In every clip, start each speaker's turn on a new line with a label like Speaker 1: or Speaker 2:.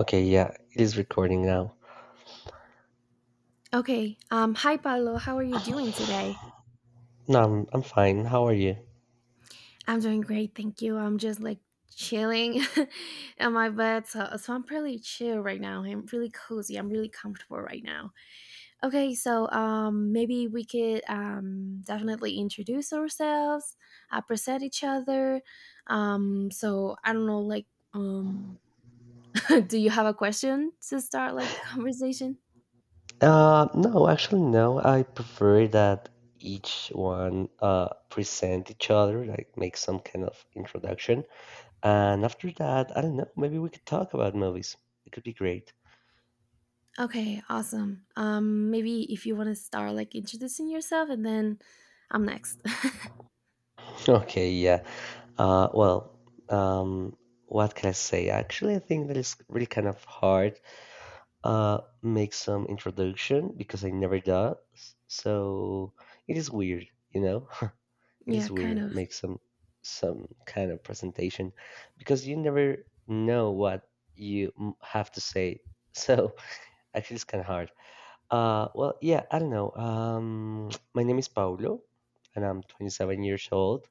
Speaker 1: Okay, yeah, it is recording now.
Speaker 2: Okay. Hi, Paolo. How are you doing today?
Speaker 1: No, I'm fine. How are you?
Speaker 2: I'm doing great. Thank you. I'm just like chilling in my bed. So I'm pretty chill right now. I'm really cozy. I'm really comfortable right now. Okay. So maybe we could definitely introduce ourselves, present each other. So I don't know, um, do you have a question to start like the conversation?
Speaker 1: No, actually, no. I prefer that each one present each other, like make some kind of introduction, and after that, I don't know. Maybe we could talk about movies. It could be great.
Speaker 2: Okay, awesome. Maybe if you want to start like introducing yourself and then I'm next.
Speaker 1: Okay, yeah. Well, um, what can I say? Actually, I think that it's really kind of hard. Make some introduction because I never does. So it is weird, you know. It
Speaker 2: Yeah,
Speaker 1: is
Speaker 2: kind
Speaker 1: weird
Speaker 2: of.
Speaker 1: make some kind of presentation because you never know what have to say. So actually, it's kind of hard. Well, yeah, I don't know. My name is Paulo, and I'm 27 years old,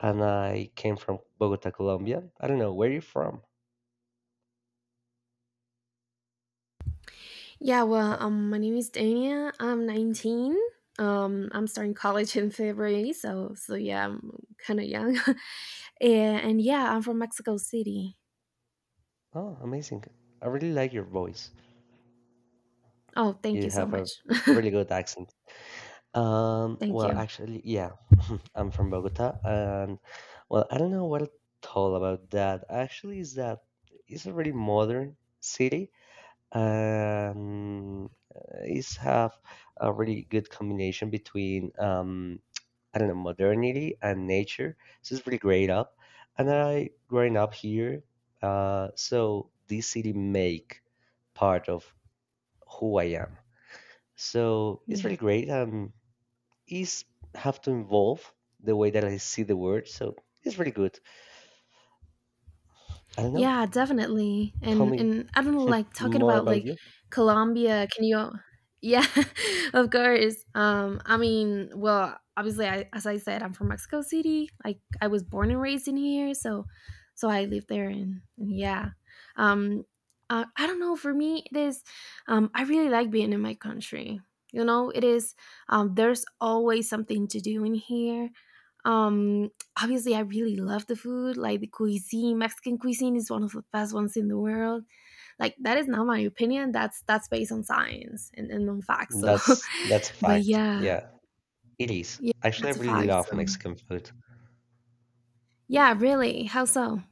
Speaker 1: and I came from Bogota, Colombia. I don't know where you're from.
Speaker 2: Yeah, well,
Speaker 1: Uh,
Speaker 2: my name is Dania. I'm 19. I'm starting college in February, so yeah, I'm kind of young. And yeah, I'm from Mexico City.
Speaker 1: oh, amazing! I really like your voice.
Speaker 2: Oh, thank
Speaker 1: You
Speaker 2: you so
Speaker 1: have a
Speaker 2: much.
Speaker 1: really good accent.
Speaker 2: Thank
Speaker 1: Well,
Speaker 2: you.
Speaker 1: actually, yeah, I'm from Bogota, and well, I don't know what to tell about that. Actually, is that it's a really modern city. Um, it's have a really good combination between I don't know, modernity and nature. So it's really great up. And I growing up here, so this city make part of who I am. So it's really great. Is have to involve the way that I see the word. So it's really good. I don't know.
Speaker 2: Yeah, definitely.
Speaker 1: Tell
Speaker 2: And
Speaker 1: me
Speaker 2: and I don't know, like talking
Speaker 1: more
Speaker 2: about
Speaker 1: about
Speaker 2: like
Speaker 1: you.
Speaker 2: Colombia, can you Yeah, of course. I mean, well, obviously as I said, I'm from Mexico City. Like I was born and raised in here, so I lived there and yeah. Um I don't know, for me it is I really like being in my country. You know, it is there's always something to do in here. Um Obviously I really love the food, like the cuisine. Mexican cuisine is one of the best ones in the world. Like that is not my opinion. That's based on science and on facts. So
Speaker 1: That's a
Speaker 2: but
Speaker 1: fact.
Speaker 2: yeah.
Speaker 1: Yeah, it is.
Speaker 2: Yeah,
Speaker 1: Actually, I
Speaker 2: that's a
Speaker 1: really
Speaker 2: fact.
Speaker 1: love
Speaker 2: So
Speaker 1: Mexican food.
Speaker 2: yeah, really. How so?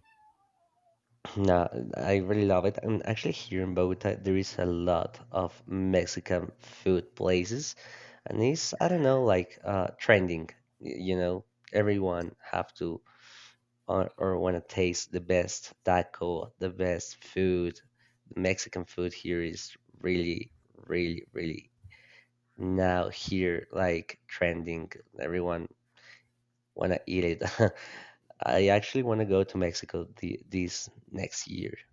Speaker 1: Nah, I really love it. And actually, here in Bogota, there is a lot of Mexican food places, and it's I don't know, like trending. You know, everyone have to or want to taste the best taco, the best food, the Mexican food here is really, really, really now here like trending. Everyone want to eat it. I actually want to go to Mexico this next year.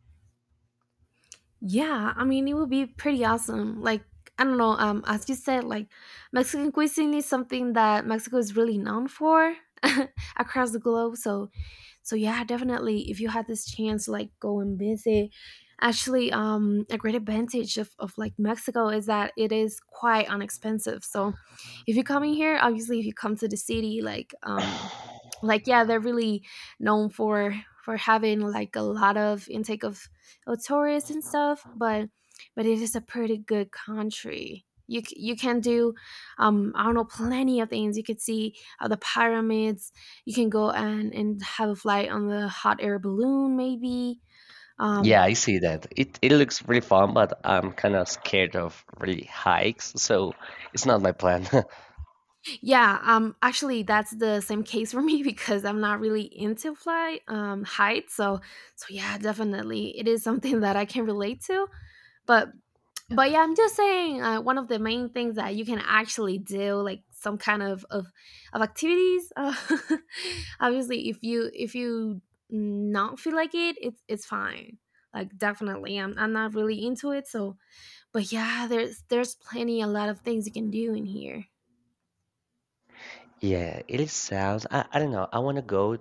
Speaker 2: Yeah, I mean it would be pretty awesome. Like I don't know, as you said, like Mexican cuisine is something that Mexico is really known for across the globe. So yeah, definitely if you had this chance like go and visit, actually a great advantage of like Mexico is that it is quite inexpensive. So if you're coming here, obviously if you come to the city like yeah, they're really known for having like a lot of intake of tourists and stuff, but it is a pretty good country. You can do I don't know, plenty of things. You could see the pyramids, you can go and have a flight on the hot air balloon maybe.
Speaker 1: Yeah,
Speaker 2: um
Speaker 1: I see that. It looks really fun, but I'm kind of scared of really hikes, so it's not my plan.
Speaker 2: yeah Actually that's the same case for me because I'm not really into fly height. So yeah, definitely it is something that I can relate to, but but yeah, I'm just saying one of the main things that you can actually do, like some kind of activities. Obviously if you not feel like it, it's fine. Like definitely I'm not really into it. So but yeah, there's plenty a lot of things you can do in here.
Speaker 1: Yeah, it is sounds. I don't know. I want to go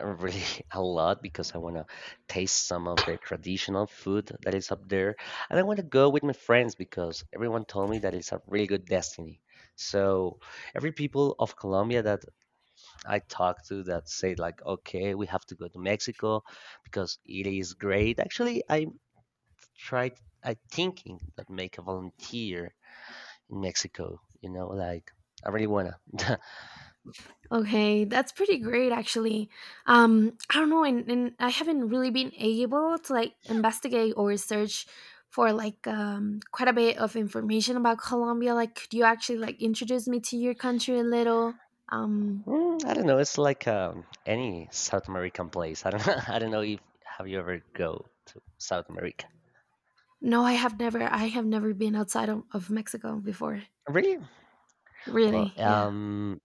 Speaker 1: really a lot because I want to taste some of the traditional food that is up there. And I want to go with my friends because everyone told me that it's a really good destiny. So every people of Colombia that I talk to that say like, okay, we have to go to Mexico because it is great. Actually, I tried, I thinking that make a volunteer in Mexico, like I really wanna.
Speaker 2: Okay, that's pretty great actually. I don't know, and I haven't really been able to like investigate or research for like quite a bit of information about Colombia. Like, could you actually like introduce me to your country a little? Um,
Speaker 1: I don't know. It's like any South American place. I don't know. I don't know if have you ever go to South America?
Speaker 2: no, I have never. I have never been outside of Mexico before.
Speaker 1: Really? Well,
Speaker 2: Really, yeah.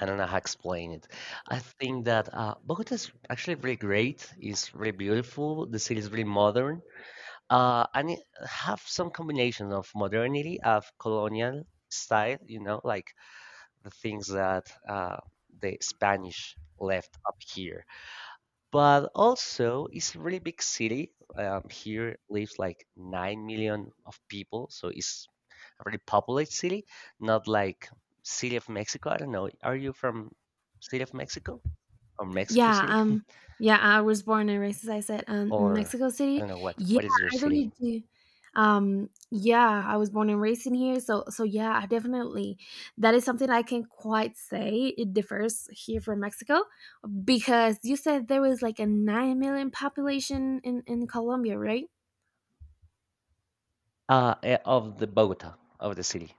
Speaker 1: I don't know how to explain it. I think that Bogota is actually really great. It's really beautiful. The city is really modern. And it have some combination of modernity of colonial style. You know, like the things that the Spanish left up here. But also it's a really big city. Here lives like 9 million of people, so it's a really populated city, not like City of Mexico. I don't know. Are you from City of Mexico or Mexico
Speaker 2: Yeah,
Speaker 1: City
Speaker 2: yeah, I was born and raised, as I said, in
Speaker 1: or
Speaker 2: Mexico
Speaker 1: I
Speaker 2: City.
Speaker 1: don't know what
Speaker 2: Yeah,
Speaker 1: what is your
Speaker 2: I really
Speaker 1: city?
Speaker 2: do. Yeah, I was born and raised in here, so yeah, I definitely, that is something I can quite say it differs here from Mexico, because you said there was like a 9 million population in Colombia, right?
Speaker 1: Of the Bogota of the city,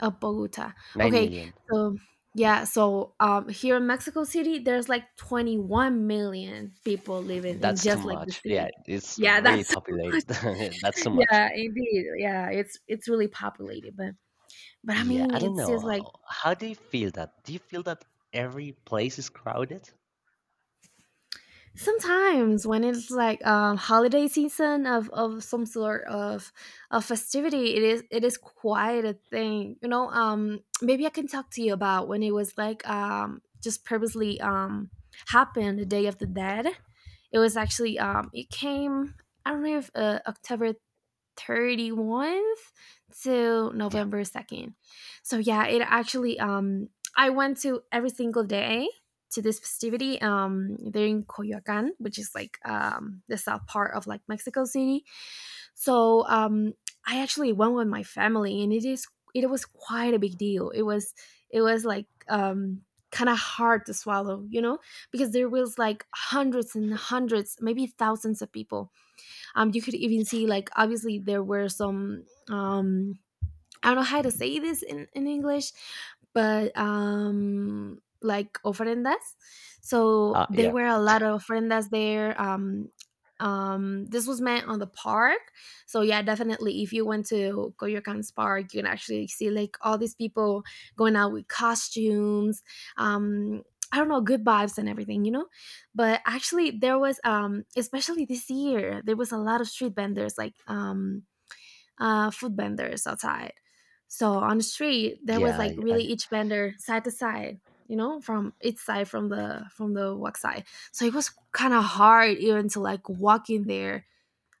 Speaker 2: Of Bogota.
Speaker 1: nine
Speaker 2: Okay,
Speaker 1: million.
Speaker 2: so yeah, here in Mexico City, there's like 21 million people living in
Speaker 1: That's too
Speaker 2: just like the
Speaker 1: much. Yeah,
Speaker 2: city.
Speaker 1: it's
Speaker 2: Yeah,
Speaker 1: really
Speaker 2: that's
Speaker 1: populated. That's too much.
Speaker 2: yeah, indeed. Yeah, it's really populated, but I
Speaker 1: Yeah,
Speaker 2: mean,
Speaker 1: I don't
Speaker 2: it's just
Speaker 1: know.
Speaker 2: like
Speaker 1: How do you feel that? Do you feel that every place is crowded?
Speaker 2: sometimes when it's like holiday season of some sort of festivity, it is quite a thing. You know, maybe I can talk to you about when it was like just previously happened the Day of the Dead. It was actually it came I don't know if October 31st to November 2nd. So yeah, it actually I went to every single day to this festivity they're in Coyoacan, which is like the south part of like Mexico City. So I actually went with my family and it was quite a big deal. It was like kind of hard to swallow, you know, because there was like hundreds and hundreds, maybe thousands of people. You could even see like obviously there were some um I don't know how to say this in English, but like ofrendas. So there
Speaker 1: Yeah,
Speaker 2: were a lot of ofrendas there. This was meant on the park. So yeah, definitely if you went to Coyoacan's park, you can actually see like all these people going out with costumes. Um, I don't know, good vibes and everything, you know? But actually there was especially this year, there was a lot of street vendors like food vendors outside. So on the street, there was
Speaker 1: yeah,
Speaker 2: like really each vendor side to side, you know, from each side from the walk side. So it was kind of hard even to like walk in there.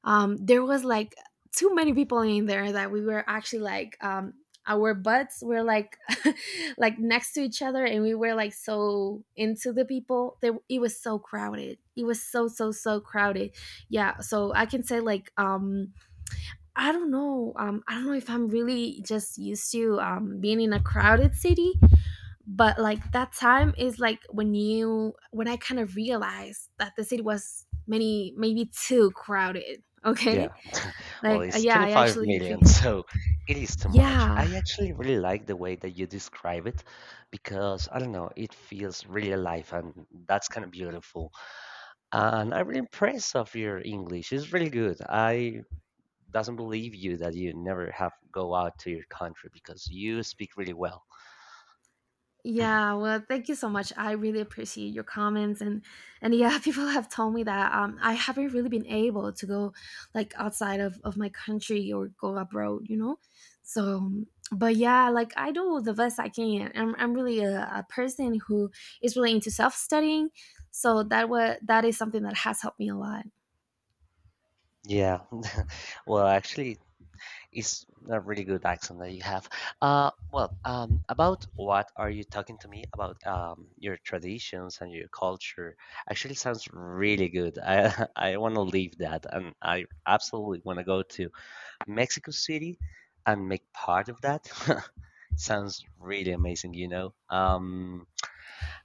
Speaker 2: There was like too many people in there that we were actually like our butts were like like next to each other and we were like so into the people. It was so crowded. It was so crowded. Yeah, so I can say like I don't know. I don't know if I'm really just used to being in a crowded city, but like that time is like when I kind of realized that the city was many maybe too crowded.
Speaker 1: yeah.
Speaker 2: Okay,
Speaker 1: Well,
Speaker 2: like
Speaker 1: it's
Speaker 2: yeah, I
Speaker 1: 25
Speaker 2: actually feel
Speaker 1: million, so it is too much.
Speaker 2: yeah.
Speaker 1: I actually really like the way that you describe it because I don't know, it feels really alive and that's kind of beautiful. And I'm really impressed of your English. It's really good. I doesn't believe you that you never have go out to your country because you speak really well.
Speaker 2: Yeah, well, thank you so much. I really appreciate your comments. And yeah, people have told me that I haven't really been able to go like outside of my country or go abroad, you know? So, but yeah, like I do the best I can. I'm really a person who is really into self-studying, so that is something that has helped me a lot.
Speaker 1: Yeah. Well, actually, it's a really good accent that you have. Well, about what are you talking to me about your traditions and your culture? Actually, sounds really good. I I want to leave that, and I absolutely want to go to Mexico City and make part of that. Sounds really amazing.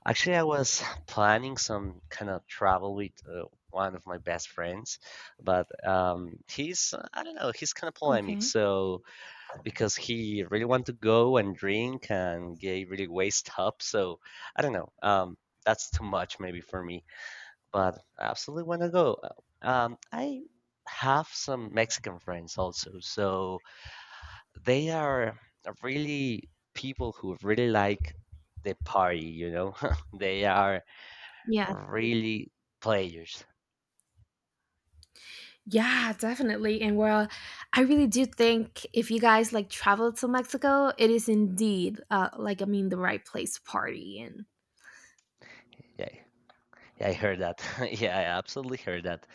Speaker 1: Actually, I was planning some kind of travel with one of my best friends, but he's I don't know, he's kind of polemic,
Speaker 2: Okay.
Speaker 1: so because he really wanted to go and drink and get really waist up. So I don't know. That's too much maybe for me, but I absolutely want to go. I have some Mexican friends also, so they are really people who really like the party. You know, they are
Speaker 2: Yeah.
Speaker 1: really players.
Speaker 2: Yeah, definitely. And well, I really do think if you guys like travel to Mexico, it is indeed like I mean the right place to party. And
Speaker 1: Yeah, yeah, I heard that. Yeah, I absolutely heard that.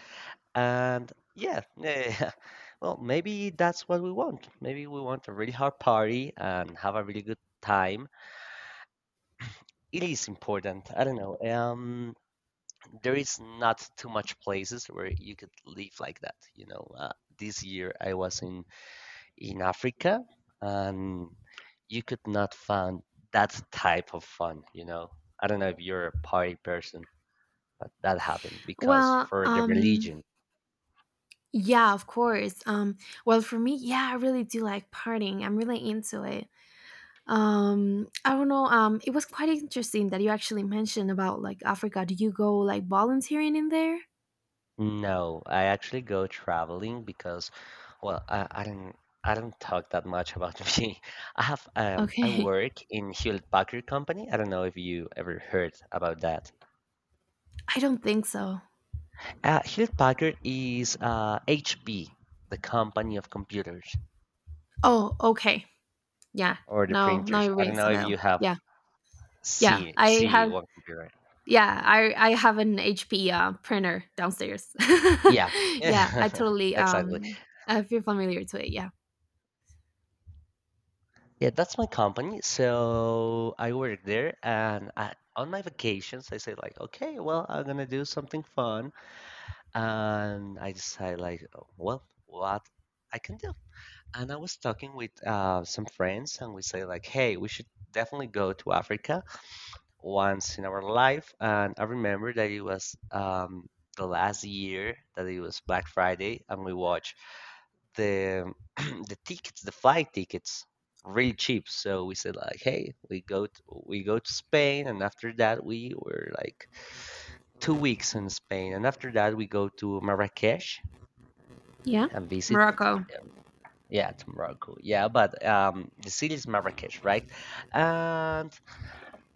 Speaker 1: And yeah, yeah, well, maybe that's what we want. Maybe we want a really hard party and have a really good time. It is important. I don't know. There is not too much places where you could live like that. You know, this year I was in Africa, and you could not find that type of fun. You know, I don't know if you're a party person, but that happened because
Speaker 2: well,
Speaker 1: for the religion.
Speaker 2: yeah, of course. Well, for me, yeah, I really do like partying. I'm really into it. I don't know. It was quite interesting that you actually mentioned about like Africa. Do you go like volunteering in there?
Speaker 1: No, I actually go traveling because, well, I don't talk that much about me. I
Speaker 2: Okay,
Speaker 1: work in Hewlett Packard Company. I don't know if you ever heard about that.
Speaker 2: I don't think so.
Speaker 1: Hewlett Packard is HP, the company of computers
Speaker 2: Oh, okay. Yeah.
Speaker 1: or the
Speaker 2: No, now it
Speaker 1: printers. I don't
Speaker 2: rings
Speaker 1: know
Speaker 2: a
Speaker 1: if you
Speaker 2: bell.
Speaker 1: have
Speaker 2: Yeah. Yeah,
Speaker 1: see
Speaker 2: I
Speaker 1: see
Speaker 2: had
Speaker 1: one computer.
Speaker 2: yeah, I have an HP printer downstairs.
Speaker 1: Yeah. Yeah,
Speaker 2: Yeah, I totally
Speaker 1: exactly.
Speaker 2: I feel familiar to it. Yeah,
Speaker 1: Yeah, that's my company. So I work there, and I, on my vacations, I say like, okay, well, I'm gonna do something fun, and I decide like, "Oh, well, what I can do. And I was talking with some friends, and we say like, hey, we should definitely go to Africa once in our life. And I remember that it was the last year that it was Black Friday, and we watched the the flight tickets, really cheap. So we said like, hey, we go to Spain, and after that we were like 2 weeks in Spain, and after that we go to Marrakesh
Speaker 2: yeah.
Speaker 1: and visit.
Speaker 2: Morocco.
Speaker 1: Yeah, to Morocco. Yeah, but the city is Marrakesh, right? And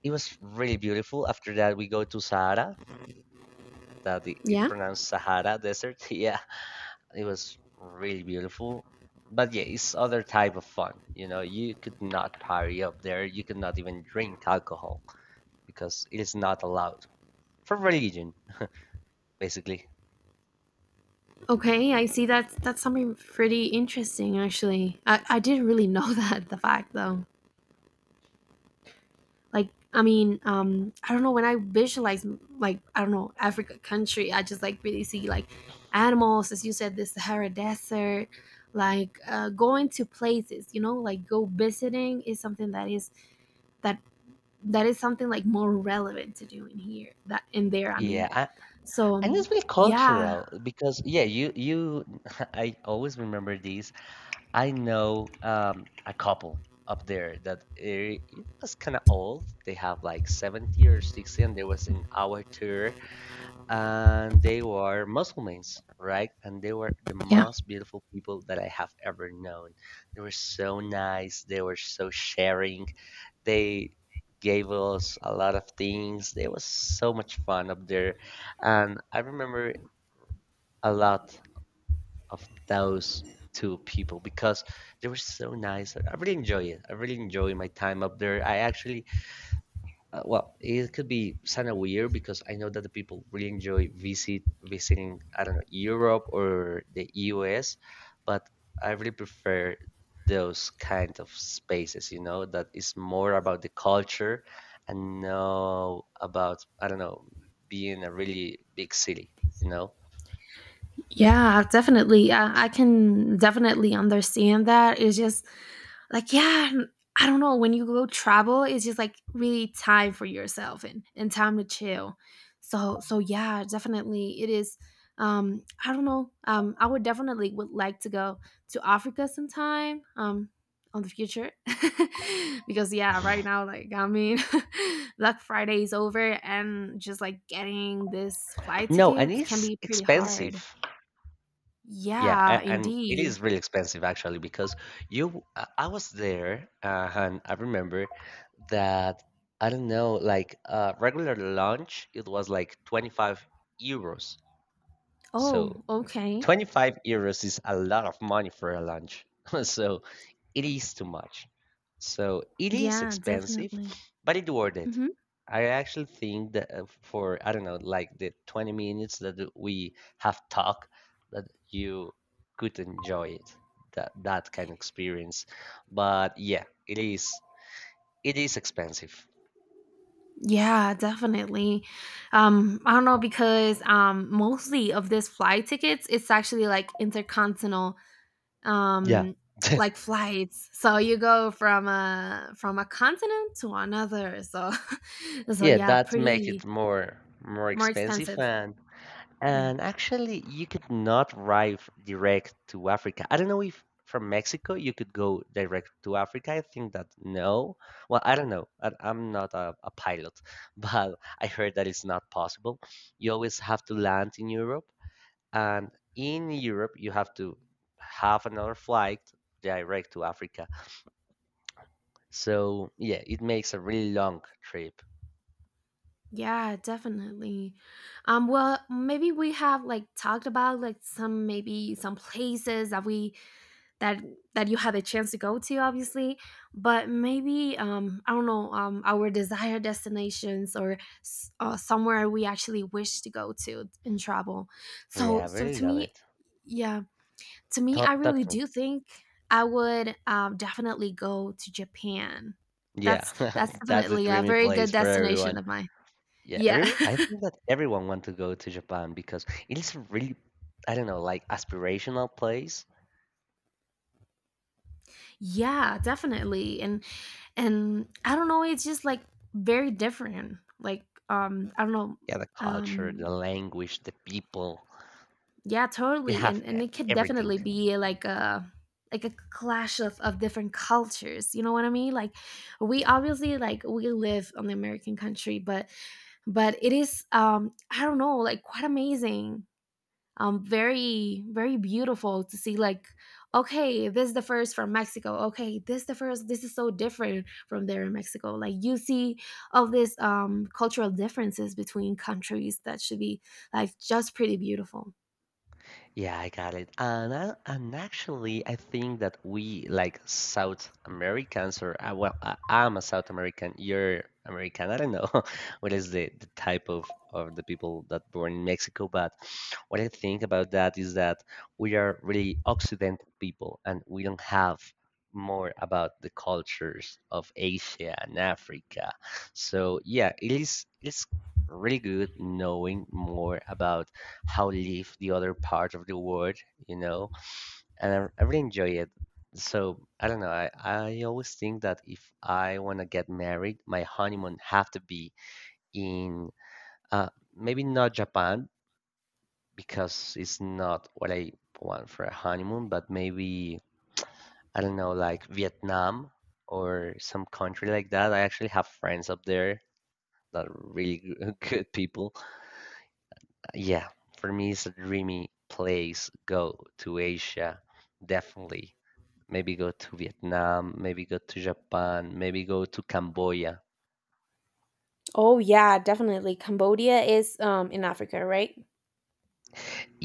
Speaker 1: it was really beautiful. After that, we go to Sahara. That it
Speaker 2: Yeah.
Speaker 1: pronounced Sahara Desert. Yeah, it was really beautiful. But yeah, it's other type of fun. You know, you could not party up there. You could not even drink alcohol because it is not allowed for religion, basically.
Speaker 2: Okay, I see. That's something pretty interesting actually. I didn't really know that the fact though. Like I mean, I don't know, when I visualize like I don't know Africa country, I just like really see like animals, as you said the Sahara desert, like going to places, you know, like go visiting is something that is that that is something like more relevant to do in here that in there I mean.
Speaker 1: Yeah,
Speaker 2: So
Speaker 1: and it's really
Speaker 2: yeah
Speaker 1: cultural because yeah, you I always remember these. I know a couple up there that it was kind of old. They have like 70 or 60 and they was in our tour and they were Muslims, right? And they were the
Speaker 2: yeah
Speaker 1: most beautiful people that I have ever known. They were so nice. They were so sharing. They gave us a lot of things. It was so much fun up there, and I remember a lot of those two people because they were so nice. I really enjoy it. I really enjoy my time up there. I actually well, it could be kind of weird because I know that the people really enjoy visiting, I don't know, Europe or the US, but I really prefer those kind of spaces, that is more about the culture and no about, I don't know, being a really big city.
Speaker 2: yeah definitely. I can definitely understand that. It's just like yeah, I don't know, when you go travel it's just like really time for yourself and time to chill. So yeah, definitely it is I don't know. I would definitely would like to go to Africa sometime, on the future. Because yeah, right now like I mean Black Friday is over and just like getting this flight
Speaker 1: No, and
Speaker 2: tickets can
Speaker 1: it's
Speaker 2: be pretty
Speaker 1: expensive.
Speaker 2: hard.
Speaker 1: Yeah,
Speaker 2: Yeah,
Speaker 1: and it
Speaker 2: indeed.
Speaker 1: is really expensive actually because you I was there and I remember that I don't know like regular lunch it was like 25 euros.
Speaker 2: Oh,
Speaker 1: So
Speaker 2: okay.
Speaker 1: €25 is a lot of money for a lunch. So it is too much. So it is
Speaker 2: Yeah,
Speaker 1: expensive,
Speaker 2: definitely.
Speaker 1: but it's worth it.
Speaker 2: Mhm.
Speaker 1: I actually think that for I don't know, like the 20 minutes that we have talked, that you could enjoy it, that kind of experience. But yeah, it is expensive.
Speaker 2: Yeah, definitely. I don't know because mostly of this flight tickets, it's actually like intercontinental,
Speaker 1: Yeah.
Speaker 2: um, like flights. So you go from a continent to another. So, so
Speaker 1: Yeah,
Speaker 2: yeah,
Speaker 1: that make it
Speaker 2: pretty
Speaker 1: more
Speaker 2: more
Speaker 1: expensive.
Speaker 2: expensive. Yeah,
Speaker 1: And actually, you could not arrive direct to Africa. I don't know if from Mexico you could go direct to Africa. I think that no. Well, I don't know. I'm not a pilot, but I heard that it's not possible. You always have to land in Europe, and in Europe, you have to have another flight direct to Africa. So, yeah, it makes a really long trip.
Speaker 2: yeah, definitely. Well, maybe we have like talked about like some maybe some places that we that that you had a chance to go to, obviously, but maybe I don't know, our desired destinations or somewhere we actually wish to go to and travel, so
Speaker 1: Yeah, I
Speaker 2: so
Speaker 1: really
Speaker 2: to
Speaker 1: love
Speaker 2: me,
Speaker 1: it.
Speaker 2: yeah, to me I
Speaker 1: Talk, talk
Speaker 2: really
Speaker 1: to me.
Speaker 2: do think I would definitely go to Japan.
Speaker 1: Yeah,
Speaker 2: That's
Speaker 1: that's a
Speaker 2: definitely a
Speaker 1: dreamy
Speaker 2: very good
Speaker 1: place for
Speaker 2: destination
Speaker 1: everyone.
Speaker 2: of mine.
Speaker 1: Yeah,
Speaker 2: Yeah.
Speaker 1: everyone I think that everyone want to go to Japan because it is a really, I don't know, like aspirational place.
Speaker 2: Yeah, definitely. And I don't know, it's just like very different, like, I don't know.
Speaker 1: Yeah, the culture,
Speaker 2: um
Speaker 1: the language, the people,
Speaker 2: yeah,
Speaker 1: you
Speaker 2: totally.
Speaker 1: have
Speaker 2: and and it could
Speaker 1: everything.
Speaker 2: definitely be like a clash of different cultures, you know what I mean, like we obviously like we live on the American country, but it is, I don't know, like quite amazing, very very beautiful to see, like, okay this is the first from Mexico, okay this the first, this is so different from there in Mexico, like you see all these cultural differences between countries that should be like just pretty beautiful.
Speaker 1: Yeah, I got it. And actually, I think that we like South Americans, or well, I'm a South American. You're American. I don't know what is the type of the people that born in Mexico, but what I think about that is that we are really Occidental people, and we don't have more about the cultures of Asia and Africa. So yeah, it's really good knowing more about how live the other part of the world, you know, and I really enjoy it. So I don't know. I always think that if I want to get married, my honeymoon have to be in uh, maybe not Japan because it's not what I want for a honeymoon, but maybe I don't know, like Vietnam or some country like that. I actually have friends up there that are really good people. Yeah, for me, it's a dreamy place. Go to Asia, definitely. Maybe go to Vietnam, maybe go to Japan, maybe go to Cambodia.
Speaker 2: Oh yeah, definitely. Cambodia is in Africa, right?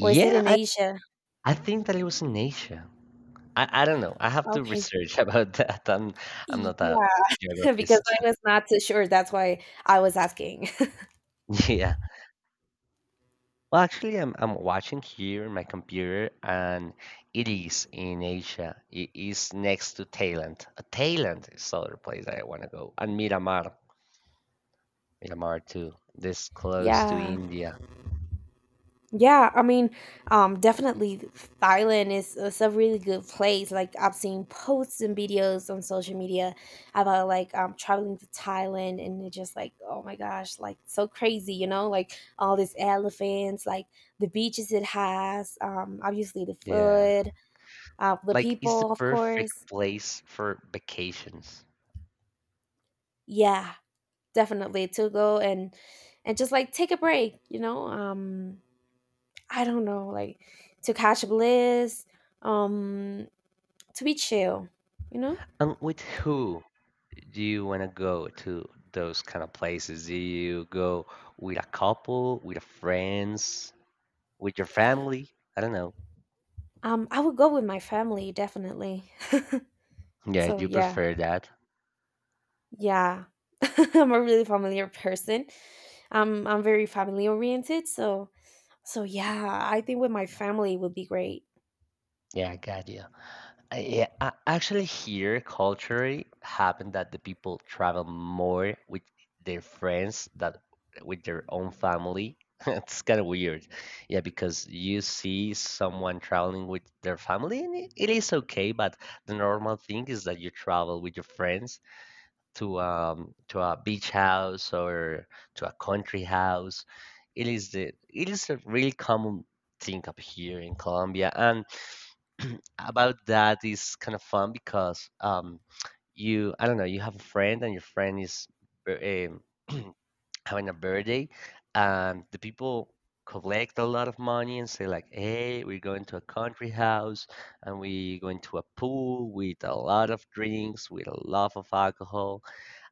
Speaker 2: Or is it in
Speaker 1: I,
Speaker 2: Asia?
Speaker 1: I think that it was in Asia. I don't know. I have to
Speaker 2: Okay.
Speaker 1: research about that. I'm not a
Speaker 2: Yeah, because
Speaker 1: geographist.
Speaker 2: I was not so sure. That's why I was asking.
Speaker 1: Yeah. Well, actually, I'm watching here on my computer, and it is in Asia. It is next to Thailand. Thailand is the other place that I want to go, and Miramar. Myanmar too, this close to
Speaker 2: Yeah.
Speaker 1: India.
Speaker 2: Yeah, I mean, definitely Thailand is a really good place. Like I've seen posts and videos on social media about like traveling to Thailand, and it's just like, oh my gosh, like so crazy, you know, like all these elephants, like the beaches it has, obviously the
Speaker 1: Yeah.
Speaker 2: food, the
Speaker 1: Like it's the
Speaker 2: people, of course.
Speaker 1: perfect place for vacations.
Speaker 2: Yeah, definitely to go and just like take a break, you know. I don't know, like to catch a bliss, um to be chill, you know?
Speaker 1: And with who do you want to go to those kind of places? Do you go with a couple, with a friends, with your family? I don't know.
Speaker 2: I would go with my family, definitely.
Speaker 1: Yeah,
Speaker 2: So
Speaker 1: you
Speaker 2: yeah,
Speaker 1: prefer that?
Speaker 2: yeah. I'm a really familiar person. I'm very family oriented, so yeah, I think with my family would be great.
Speaker 1: Yeah, I got you. Yeah, actually, here culturally happened that the people travel more with their friends that with their own family. It's kind of weird, yeah, because you see someone traveling with their family, and it is okay. But the normal thing is that you travel with your friends to a beach house or to a country house. It is a really common thing up here in Colombia, and about that is kind of fun because you I don't know you have a friend and your friend is um, having a birthday, and the people collect a lot of money and say like, hey, we're going to a country house and we're going to a pool with a lot of drinks, with a lot of alcohol,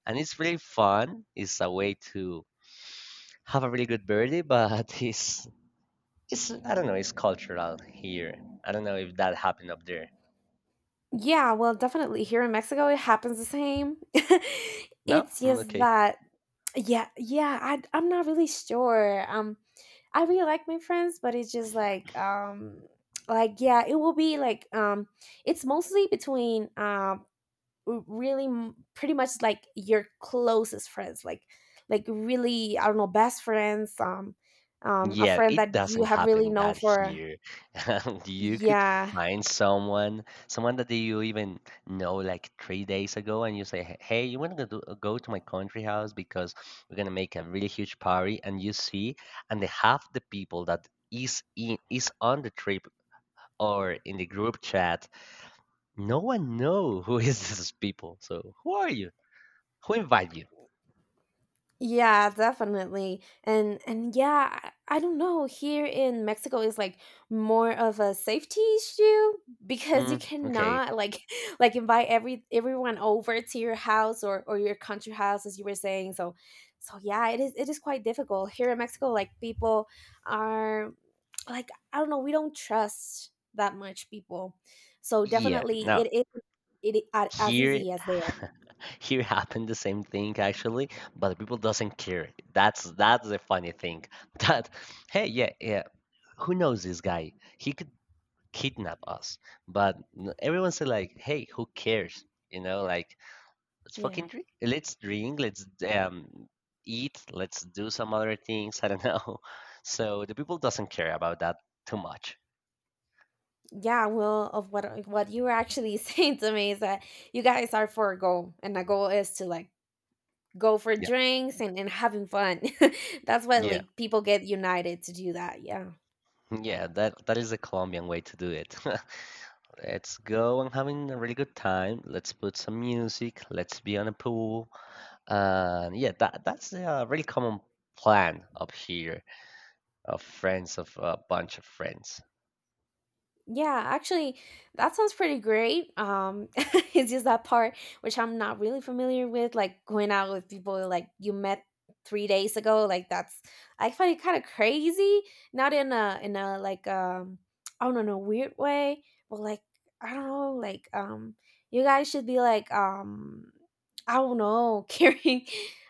Speaker 1: and it's really fun. It's a way to have a really good birthday, but it's I don't know, it's cultural here. I don't know if that happened up there.
Speaker 2: Yeah, well, definitely here in Mexico it happens the same.
Speaker 1: No?
Speaker 2: It's
Speaker 1: Mm,
Speaker 2: just
Speaker 1: okay.
Speaker 2: that yeah, yeah, I'm not really sure. I really like my friends, but it's just like yeah, it will be like it's mostly between really pretty much like your closest friends, like really I don't know, best friends, a
Speaker 1: Yeah,
Speaker 2: friend that
Speaker 1: it
Speaker 2: you
Speaker 1: doesn't
Speaker 2: have really
Speaker 1: happen
Speaker 2: known
Speaker 1: that
Speaker 2: for,
Speaker 1: here. You could
Speaker 2: yeah,
Speaker 1: find someone that you even know like 3 days ago, and you say, "Hey, you want to go to my country house because we're gonna make a really huge party." And you see, and the half the people that is in is on the trip or in the group chat, no one know who is these people. So who are you? Who invite you?
Speaker 2: yeah, definitely. And yeah, I don't know, here in Mexico is like more of a safety issue, because you
Speaker 1: Mm, okay,
Speaker 2: cannot like like invite everyone over to your house or your country house, as you were saying, so yeah, it is quite difficult here in Mexico, like people are, like I don't know, we don't trust that much people. So
Speaker 1: yeah.
Speaker 2: definitely
Speaker 1: No,
Speaker 2: it is as
Speaker 1: here
Speaker 2: easy as there.
Speaker 1: here happened the same thing actually, but people doesn't care. That's the funny thing. That hey, yeah, yeah, who knows this guy, he could kidnap us, but everyone's like, hey, who cares, like, let's
Speaker 2: Yeah.
Speaker 1: fucking drink, let's drink, let's um eat, let's do some other things. I don't know. So the people doesn't care about that too much.
Speaker 2: Yeah, well, of what you were actually saying to me is that you guys are for a goal, and the goal is to like go for
Speaker 1: Yeah,
Speaker 2: drinks and having fun. That's what
Speaker 1: yeah.
Speaker 2: like people get united to do that. Yeah.
Speaker 1: Yeah, that is the Colombian way to do it. Let's go and having a really good time. Let's put some music. Let's be on a pool. And yeah, that's a really common plan up here of friends of a bunch of friends.
Speaker 2: Yeah, actually, that sounds pretty great. It's just that part which I'm not really familiar with, like going out with people like you met 3 days ago. Like that's, I find it kind of crazy. Not in a like I don't know weird way, but like I don't know, like you guys should be like I don't know caring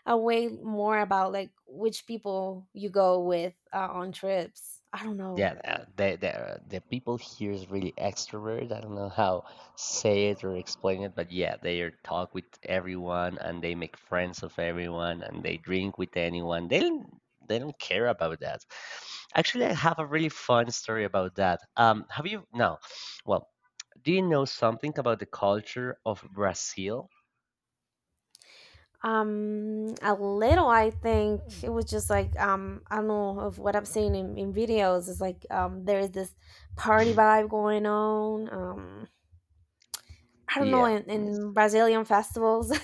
Speaker 2: away more about like which people you go with, on trips. I don't know.
Speaker 1: Yeah, the people here is really extrovert. I don't know how say it or explain it, but yeah, they are talk with everyone and they make friends of everyone and they drink with anyone. They don't care about that. Actually, I have a really fun story about that. Have you no? Well, do you know something about the culture of Brazil?
Speaker 2: A little, I think it was just like I don't know, of what I've seen in videos. It's like there is this party vibe going on. I don't know,
Speaker 1: Yeah.
Speaker 2: in Brazilian festivals.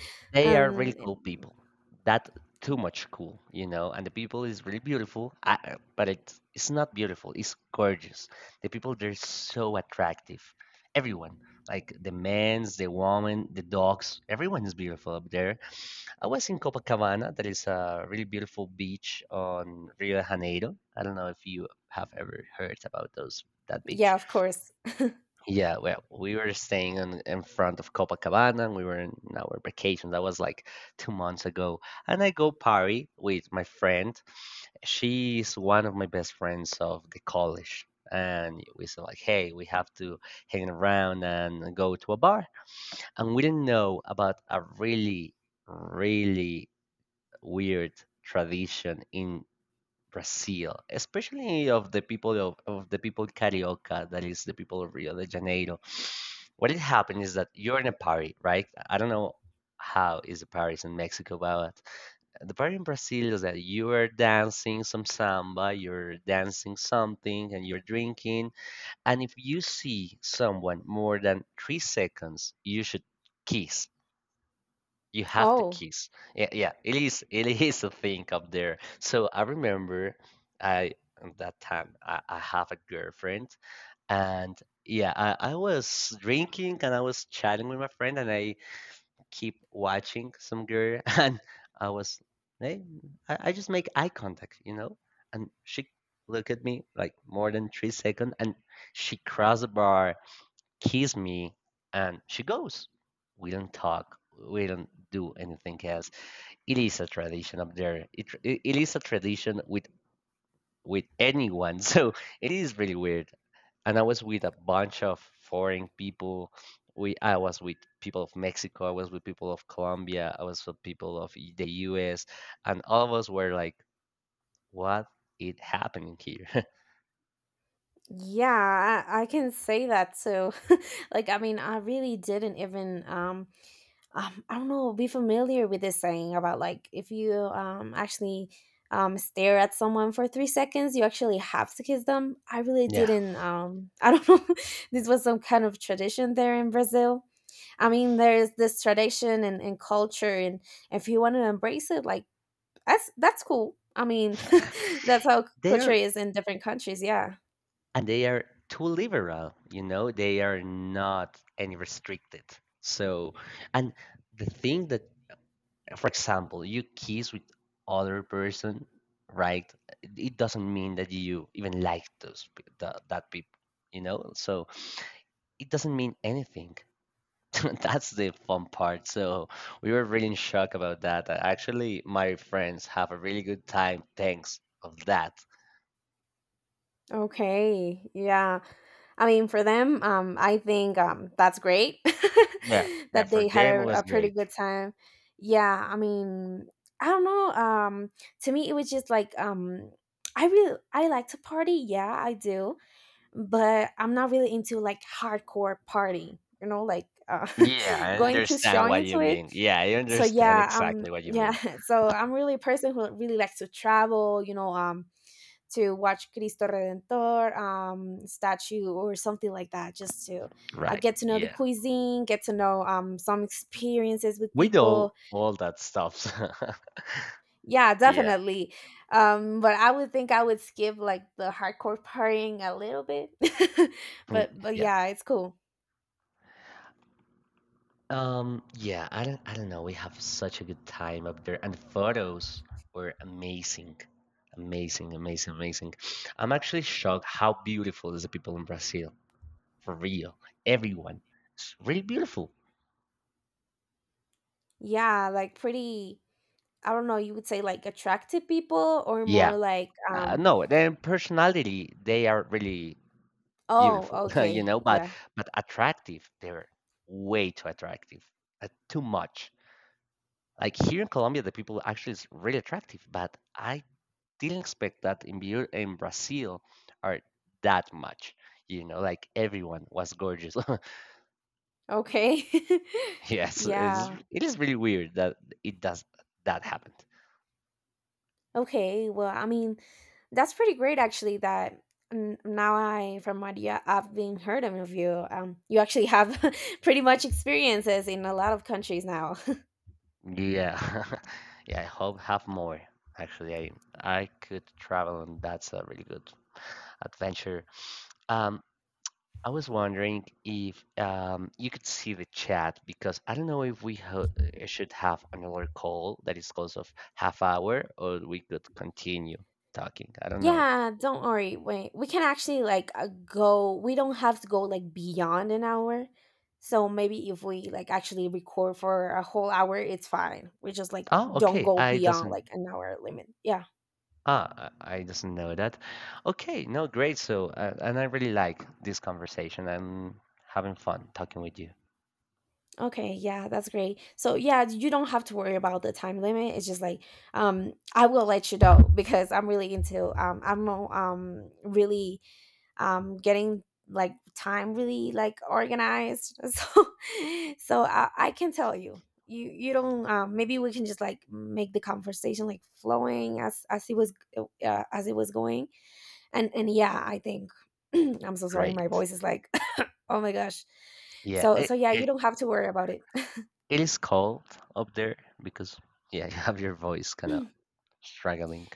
Speaker 1: They are really
Speaker 2: um,
Speaker 1: cool people. That too much cool, you know. And the people is really beautiful, but it's not beautiful. It's gorgeous. The people they're so attractive. Everyone, like the men's, the women, the dogs, everyone is beautiful up there. I was in Copacabana. That is a really beautiful beach on Rio de Janeiro. I don't know if you have ever heard about those that
Speaker 2: yeah,
Speaker 1: beach.
Speaker 2: of course.
Speaker 1: Yeah, well, we were staying in front of Copacabana and we were in our vacation. That was like 2 months ago. And I go party with my friend. She's one of my best friends of the college. And we said like, hey, we have to hang around and go to a bar. And we didn't know about a really, really weird tradition in Brazil, especially of the people of the people Carioca, that is the people of Rio de Janeiro. What it happened is that you're in a party, right? I don't know how is the parties in Mexico, but the party in Brazil is that you are dancing some samba, you're dancing something, and you're drinking. And if you see someone more than 3 seconds, you should kiss, you have to
Speaker 2: Oh,
Speaker 1: kiss. Yeah, yeah, it is a thing up there. So I remember I at that time I have a girlfriend, and yeah, I was drinking and I was chatting with my friend and I keep watching some girl and I was hey, I just make eye contact, you know? And she looked at me like more than 3 seconds, and she crossed the bar, kiss me, and she goes, we don't talk, we don't do anything else. It is a tradition up there. It is a tradition with anyone. So it is really weird, and I was with a bunch of foreign people. We i was with people of Mexico, I was with people of Colombia, I was with people of the US, and all of us were like, what is happening here?
Speaker 2: yeah, I can say that too. Like, I mean, I really didn't even I don't know, be familiar with this saying about, like, if you actually stare at someone for 3 seconds, you actually have to kiss them. I really
Speaker 1: Yeah.
Speaker 2: didn't. I don't know. This was some kind of tradition there in Brazil. I mean, there's this tradition and culture, and if you want to embrace it, like that's cool. I mean, that's how culture
Speaker 1: There.
Speaker 2: is in different countries. Yeah.
Speaker 1: And they are too liberal, they are not any restricted, so. And the thing that, for example, you kiss with other person, right? It doesn't mean that you even like those that people, so. It doesn't mean anything. That's the fun part, so we were really in shock about that. Actually my friends have a really good time thanks of that.
Speaker 2: Okay. Yeah. I mean, for them, I think that's great
Speaker 1: Yeah, yeah,
Speaker 2: that
Speaker 1: for
Speaker 2: they had
Speaker 1: them it
Speaker 2: a,
Speaker 1: was
Speaker 2: a pretty
Speaker 1: great.
Speaker 2: good time. Yeah, I mean, I don't know. To me, it was just like I like to party. Yeah, I do, but I'm not really into like hardcore party. You know, like
Speaker 1: Yeah, I
Speaker 2: going too
Speaker 1: understand
Speaker 2: strong
Speaker 1: what
Speaker 2: into
Speaker 1: you
Speaker 2: it.
Speaker 1: mean. Yeah, I
Speaker 2: So
Speaker 1: understand
Speaker 2: yeah,
Speaker 1: exactly what you
Speaker 2: yeah.
Speaker 1: mean.
Speaker 2: So I'm really a person who really likes to travel. You know, to watch Cristo Redentor statue or something like that, just to
Speaker 1: Right.
Speaker 2: get to know the
Speaker 1: Yeah.
Speaker 2: cuisine, get to know some experiences with
Speaker 1: We do
Speaker 2: people.
Speaker 1: all that stuff.
Speaker 2: Yeah,
Speaker 1: Yeah.
Speaker 2: definitely. But I would think I would skip like the hardcore partying a little bit.
Speaker 1: y-
Speaker 2: But
Speaker 1: Yeah.
Speaker 2: yeah, it's cool.
Speaker 1: Yeah, I don't know. We have such a good time up there and the photos were amazing. Amazing, amazing, amazing. I'm actually shocked how beautiful is the people in Brazil. For real. Everyone. It's really beautiful.
Speaker 2: Yeah, like pretty. I don't know. You would say like attractive people or
Speaker 1: Yeah.
Speaker 2: more like.
Speaker 1: No, their personality, they are really beautiful,
Speaker 2: Oh,
Speaker 1: you
Speaker 2: okay.
Speaker 1: know, but
Speaker 2: Yeah.
Speaker 1: but attractive. They're way too attractive, too much. Like here in Colombia, the people actually is really attractive, but I didn't expect that in Brazil are that much. You know, like everyone was gorgeous.
Speaker 2: Okay.
Speaker 1: Yes, it's,
Speaker 2: Yeah.
Speaker 1: it is really weird that it does that happened.
Speaker 2: Okay. Well, I mean, that's pretty great, actually. That now, from what you, I've been heard of you, you actually have pretty much experiences in a lot of countries now.
Speaker 1: Yeah, yeah. I hope have more. Actually, I could travel, and that's a really good adventure. Um, I was wondering if you could see the chat because I don't know if we should have another call that is close of half hour or we could continue talking. I don't know.
Speaker 2: Yeah, don't worry. Wait, we can actually like go. We don't have to go like beyond an hour. So maybe if we like actually record for a whole hour, it's fine. We just like
Speaker 1: Oh,
Speaker 2: don't
Speaker 1: okay.
Speaker 2: go
Speaker 1: I
Speaker 2: beyond
Speaker 1: doesn't.
Speaker 2: like an hour limit. Yeah.
Speaker 1: I doesn't know that. Okay, no, great. So, and I really like this conversation. I'm having fun talking with you.
Speaker 2: Okay, yeah, that's great. So yeah, you don't have to worry about the time limit. It's just like I will let you know because I'm really into I'm really getting like time really like organized. So I can tell you. You don't, maybe we can just like make the conversation like flowing as it was, as it was going. And yeah, I think I'm so sorry my
Speaker 1: Great.
Speaker 2: voice is like oh my gosh.
Speaker 1: Yeah,
Speaker 2: So
Speaker 1: it,
Speaker 2: so yeah, you
Speaker 1: it,
Speaker 2: don't have to worry about it.
Speaker 1: it is cold up there because yeah, you have your voice kind of struggling.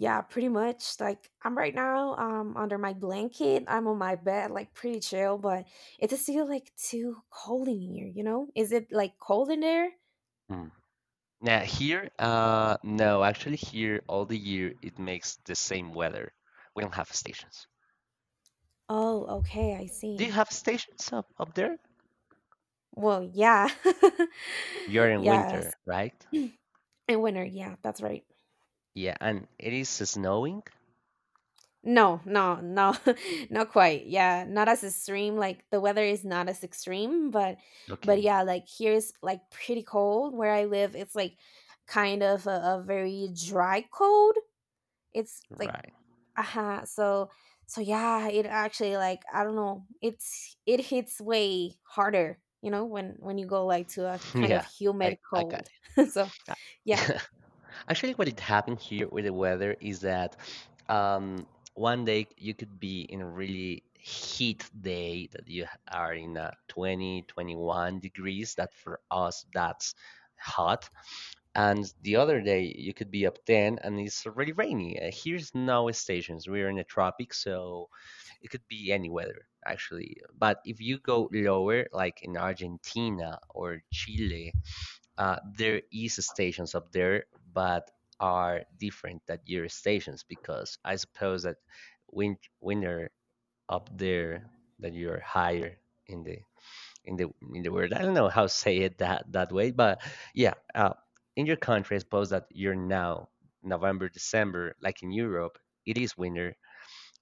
Speaker 2: Yeah, pretty much. Like I'm right now under my blanket. I'm on my bed, like pretty chill, but it's still like too cold in here, you know? Is it like cold in there?
Speaker 1: Hmm. Now here, no, actually here all the year it makes the same weather. We don't have stations.
Speaker 2: Oh, okay, I
Speaker 1: Do you
Speaker 2: see.
Speaker 1: have stations up there?
Speaker 2: Well, yeah.
Speaker 1: You're in
Speaker 2: Yes.
Speaker 1: winter, right?
Speaker 2: In winter, yeah, that's right.
Speaker 1: Yeah, and it is snowing.
Speaker 2: No, no, no, not quite. Yeah, not as extreme. Like the weather is not as extreme, but
Speaker 1: Okay,
Speaker 2: yeah, like here's like pretty cold where I live. It's like kind of a very dry cold, it's like
Speaker 1: right.
Speaker 2: uh so so yeah, it actually, like, I don't know, it hits way harder, you know, when you go like to a kind of
Speaker 1: Yeah,
Speaker 2: humid
Speaker 1: I got
Speaker 2: cold. So yeah,
Speaker 1: it. Actually, what it happened here with the weather is that um, one day you could be in a really heat day that you are in 20, 21 degrees. That for us, that's hot. And the other day, you could be up 10 and it's already rainy. Here's no stations. We're in the tropics, so it could be any weather, actually. But if you go lower, like in Argentina or Chile, there is stations up there, but are different than your stations because I suppose that winter up there that you're higher in the in the in the word. I don't know how to say it that way, but yeah. In your country, I suppose that you're now November, December, like in Europe, it is winter.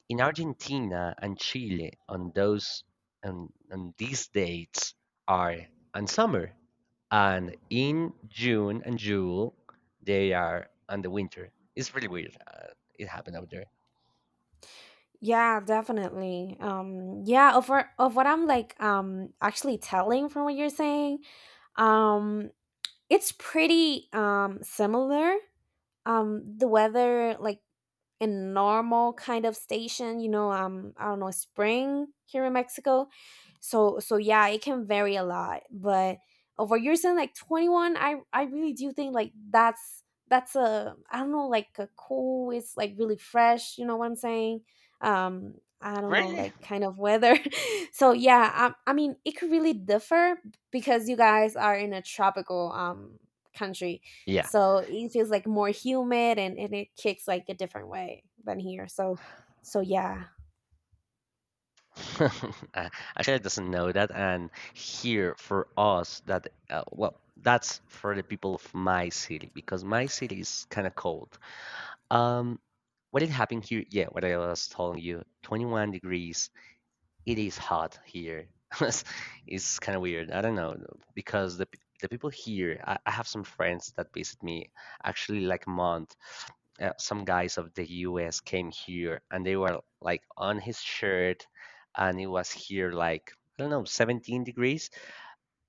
Speaker 1: In Argentina and Chile, on these dates are on summer, and in June they are on the winter. It's really weird. It happened out there.
Speaker 2: yeah, definitely. Yeah, of what I'm like actually telling from what you're saying, um it's pretty similar, the weather, like, in normal kind of station, you know, I don't know, spring here in Mexico, so yeah, it can vary a lot, but over you're saying like 21, I really do think like that's a, I don't know, like a cool, it's like really fresh, you know what I'm saying, um I don't know,
Speaker 1: Really?
Speaker 2: like kind of weather. So yeah, I mean it could really differ, because you guys are in a tropical country,
Speaker 1: Yeah.
Speaker 2: so it feels like more humid, and it kicks like a different way than here, so yeah.
Speaker 1: Uh, Actually, I doesn't know that, and here for us that well, that's for the people of my city because my city is kind of cold. Um, what is happening here? Yeah, what I was telling you, 21 degrees. It is hot here. It's it's kind of weird. I don't know because the people here. I have some friends that visit me actually like a month. Some guys of the U.S. came here, and they were like on his shirt, and it was here like, I don't know, 17 degrees,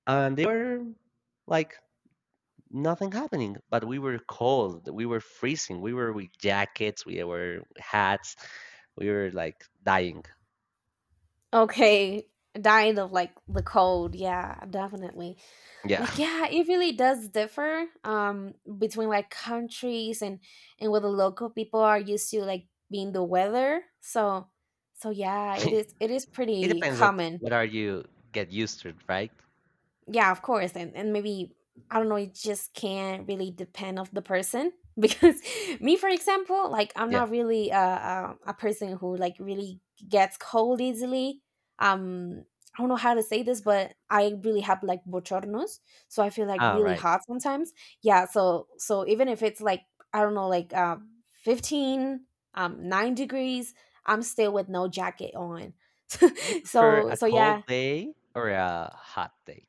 Speaker 1: and they were like nothing happening, but we were cold, we were freezing, we were with jackets, we were hats, we were like dying.
Speaker 2: Okay. Dying of like the cold, yeah, definitely.
Speaker 1: Yeah.
Speaker 2: Like yeah, it really does differ, between like countries, and what the local people are used to, like being the weather, so yeah, it is
Speaker 1: It
Speaker 2: pretty
Speaker 1: depends on
Speaker 2: common.
Speaker 1: what are you get used to, right?
Speaker 2: Yeah, of course. And maybe I don't know, it just can't really depend of the person, because me for example, like I'm
Speaker 1: Yeah.
Speaker 2: not really a person who like really gets cold easily. um I don't know how to say this, but I really have like bochornos, so I feel like
Speaker 1: Ah,
Speaker 2: really
Speaker 1: right.
Speaker 2: hot sometimes. Yeah, so even if it's like, I don't know, like 15 9 degrees, I'm still with no jacket on.
Speaker 1: Do you prefer
Speaker 2: so
Speaker 1: a
Speaker 2: so yeah.
Speaker 1: cold day or a hot day?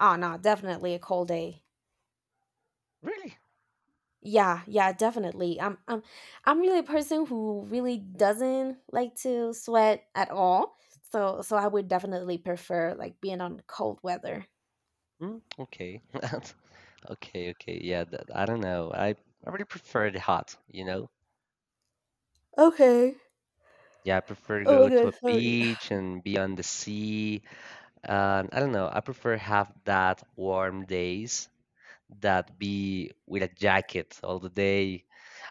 Speaker 2: Oh no, definitely a cold day.
Speaker 1: Really?
Speaker 2: Yeah, yeah, definitely. I'm really a person who really doesn't like to sweat at all. So I would definitely prefer like being on cold weather.
Speaker 1: Mm, okay. Okay, okay, yeah, I don't know, I really prefer the hot, you know.
Speaker 2: Okay.
Speaker 1: Yeah, I prefer to
Speaker 2: Oh
Speaker 1: go
Speaker 2: my
Speaker 1: to a
Speaker 2: god, sorry.
Speaker 1: beach and be on the sea. And I don't know, I prefer have that warm days that be with a jacket all the day.